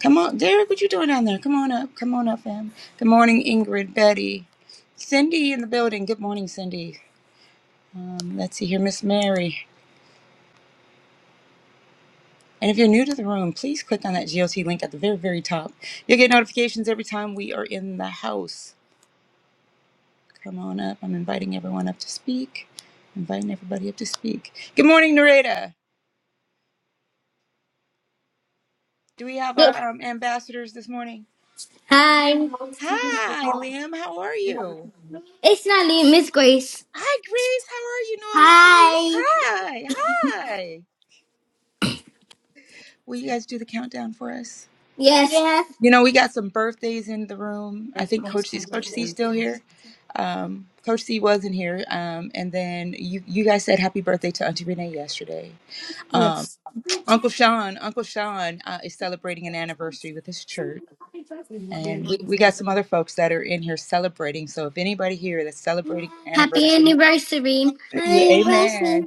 Speaker 4: Come on, Derek, what you doing down there? Come on up. Come on up, fam. Good morning, Ingrid, Betty, Cindy in the building. Good morning, Cindy. Um, let's see here, Miss Mary. And if you're new to the room, please click on that GLT link at the very, very top. You'll get notifications every time we are in the house. Come on up. I'm inviting everyone up to speak. Inviting everybody up to speak. Good morning, Nareda. Do we have
Speaker 12: Good.
Speaker 4: our um, ambassadors this morning?
Speaker 12: Hi.
Speaker 4: Hi, Liam. How are you?
Speaker 12: It's Natalie, Miss Grace.
Speaker 4: Hi, Grace. How are you, Noelani?
Speaker 12: Hi.
Speaker 4: Hi. Hi. Will you guys do the countdown for us?
Speaker 12: Yes. Yes.
Speaker 4: You know, we got some birthdays in the room. I think Coach C, is Coach C still here? Um, Coach C wasn't here. Um, and then you, you guys said happy birthday to Auntie Renee yesterday. Um, Uncle Sean, Uncle Sean uh, is celebrating an anniversary with his church. And we, we got some other folks that are in here celebrating. So if anybody here that's celebrating an
Speaker 12: Happy
Speaker 4: anniversary,
Speaker 12: anniversary.
Speaker 4: yeah, amen.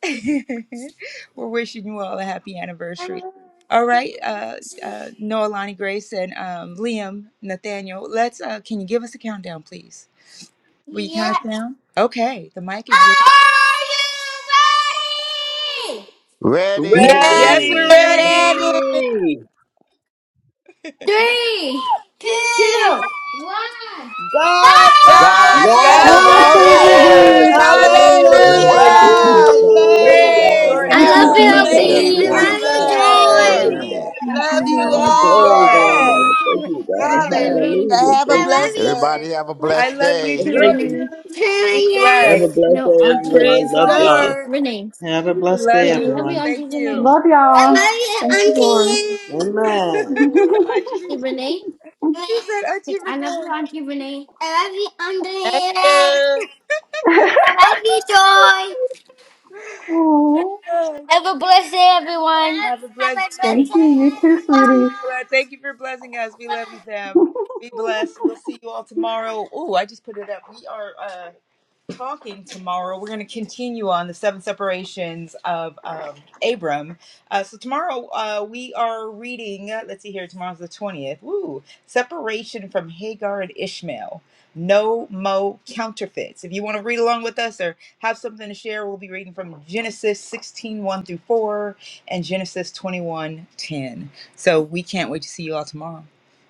Speaker 4: We're wishing you all a happy anniversary. All right, uh, uh, Noah, Lonnie, Grace, and um, Liam, Nathaniel. Let's. Uh, can you give us a countdown, please? Will you count us
Speaker 12: Yes.
Speaker 4: down? Okay, the mic is yours.
Speaker 12: Are you ready?
Speaker 2: Yes,
Speaker 4: Yes, we're
Speaker 3: Ready.
Speaker 2: we're
Speaker 4: ready.
Speaker 2: ready.
Speaker 9: Ready.
Speaker 12: Three, two, two, one. Celebrate!
Speaker 13: God's over
Speaker 2: God
Speaker 3: God's
Speaker 2: is
Speaker 9: God is
Speaker 4: God's
Speaker 13: this.
Speaker 3: over
Speaker 7: God's
Speaker 2: over
Speaker 4: over
Speaker 9: over
Speaker 7: over
Speaker 9: this.
Speaker 2: this.
Speaker 3: this.
Speaker 4: this.
Speaker 7: this.
Speaker 9: Hallelujah.
Speaker 13: Hallelujah.
Speaker 14: Bless
Speaker 9: Thank you,
Speaker 3: Woo!
Speaker 12: Woo!
Speaker 2: Hallelujah.
Speaker 9: Jesus.
Speaker 7: Woo!
Speaker 9: Hallelujah.
Speaker 13: Yay.
Speaker 3: Yes,
Speaker 2: Praise
Speaker 4: Glory
Speaker 12: I
Speaker 4: to
Speaker 9: Hallelujah.
Speaker 7: Thank
Speaker 12: love
Speaker 3: God
Speaker 7: you,
Speaker 9: Thank
Speaker 4: God.
Speaker 12: you,
Speaker 2: God.
Speaker 9: you.
Speaker 12: LB.
Speaker 3: bless
Speaker 2: Thank
Speaker 9: Thank
Speaker 7: Jesus.
Speaker 9: you.
Speaker 2: you,
Speaker 13: Amen.
Speaker 12: I
Speaker 4: I
Speaker 9: Glory to
Speaker 3: everyone.
Speaker 4: love
Speaker 9: God.
Speaker 4: you
Speaker 13: Thank you,
Speaker 2: Jesus.
Speaker 9: Glory to
Speaker 12: love
Speaker 4: more.
Speaker 3: Amen.
Speaker 9: God.
Speaker 7: Thank
Speaker 13: Jesus.
Speaker 4: I
Speaker 2: Love
Speaker 7: you,
Speaker 2: you
Speaker 4: love
Speaker 9: God.
Speaker 4: you
Speaker 7: Lord.
Speaker 9: Glory,
Speaker 4: more.
Speaker 9: glory,
Speaker 13: Yes.
Speaker 2: all.
Speaker 12: you, Joy. I
Speaker 9: God.
Speaker 12: love you,
Speaker 9: Thank
Speaker 12: Re-
Speaker 9: you, God.
Speaker 12: Auntie
Speaker 2: Hallelujah.
Speaker 13: Yes.
Speaker 12: Renee.
Speaker 9: Hallelujah.
Speaker 2: Have
Speaker 12: I
Speaker 2: a
Speaker 9: Thank you,
Speaker 12: love
Speaker 2: blessed
Speaker 12: you,
Speaker 9: Jesus.
Speaker 2: day.
Speaker 3: Everybody have a
Speaker 12: What's
Speaker 4: I
Speaker 3: blessed
Speaker 12: it?
Speaker 4: love you
Speaker 13: I
Speaker 12: Auntie
Speaker 3: day.
Speaker 9: Thank
Speaker 13: love
Speaker 4: too.
Speaker 9: you.
Speaker 13: you.
Speaker 12: Renee.
Speaker 4: Be
Speaker 9: Have a
Speaker 4: blessed.
Speaker 12: Yes.
Speaker 9: blessed
Speaker 12: No,
Speaker 9: day,
Speaker 12: Auntie.
Speaker 9: everyone.
Speaker 13: Praise the
Speaker 9: Love
Speaker 12: Auntie
Speaker 9: y'all.
Speaker 13: Lord.
Speaker 12: Renee.
Speaker 15: Have a
Speaker 4: We
Speaker 15: blessed
Speaker 4: love
Speaker 15: day,
Speaker 12: Say, I love
Speaker 4: you.
Speaker 12: you,
Speaker 15: everyone.
Speaker 4: Thank
Speaker 12: Auntie Renee.
Speaker 4: you.
Speaker 7: Love y'all. Thank
Speaker 12: I
Speaker 7: you,
Speaker 12: love you,
Speaker 7: Lord.
Speaker 12: Auntie Renee.
Speaker 13: Amen.
Speaker 4: Achieve.
Speaker 12: Say, Renee.
Speaker 4: He
Speaker 12: Renee.
Speaker 4: said,
Speaker 12: Say,
Speaker 4: Achieve
Speaker 12: I love you,
Speaker 4: Renee.
Speaker 12: Auntie Renee. I love you,
Speaker 2: Thank
Speaker 12: Auntie Renee.
Speaker 2: you.
Speaker 12: I love you, Joy.
Speaker 7: cool.
Speaker 4: Oh,
Speaker 12: Have a blessed day, everyone.
Speaker 4: Have a
Speaker 12: Have a
Speaker 4: blessed
Speaker 12: blessed
Speaker 4: Lord,
Speaker 7: Thank
Speaker 12: day,
Speaker 7: you. You too, sweeties.
Speaker 4: Thank you for blessing us. We love
Speaker 12: everyone.
Speaker 4: you, Sam. Be blessed. We'll see you all tomorrow. Oh, I just put it up. We are. Uh, talking tomorrow. We're going to continue on the seven separations of um, Abram. Uh, so tomorrow uh, we are reading. uh, Let's see here. Tomorrow's the twentieth. Woo! Separation from Hagar and Ishmael. No mo counterfeits. If you want to read along with us or have something to share, we'll be reading from Genesis sixteen one through 4 and Genesis 21 10. So we can't wait to see you all tomorrow.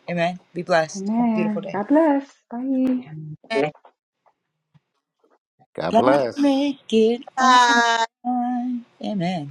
Speaker 4: Amen. Be blessed. Have a beautiful
Speaker 7: Amen.
Speaker 4: day.
Speaker 7: God bless. Bye.
Speaker 3: God
Speaker 4: God
Speaker 3: bless.
Speaker 4: make it all right.
Speaker 2: Bye.
Speaker 4: Amen.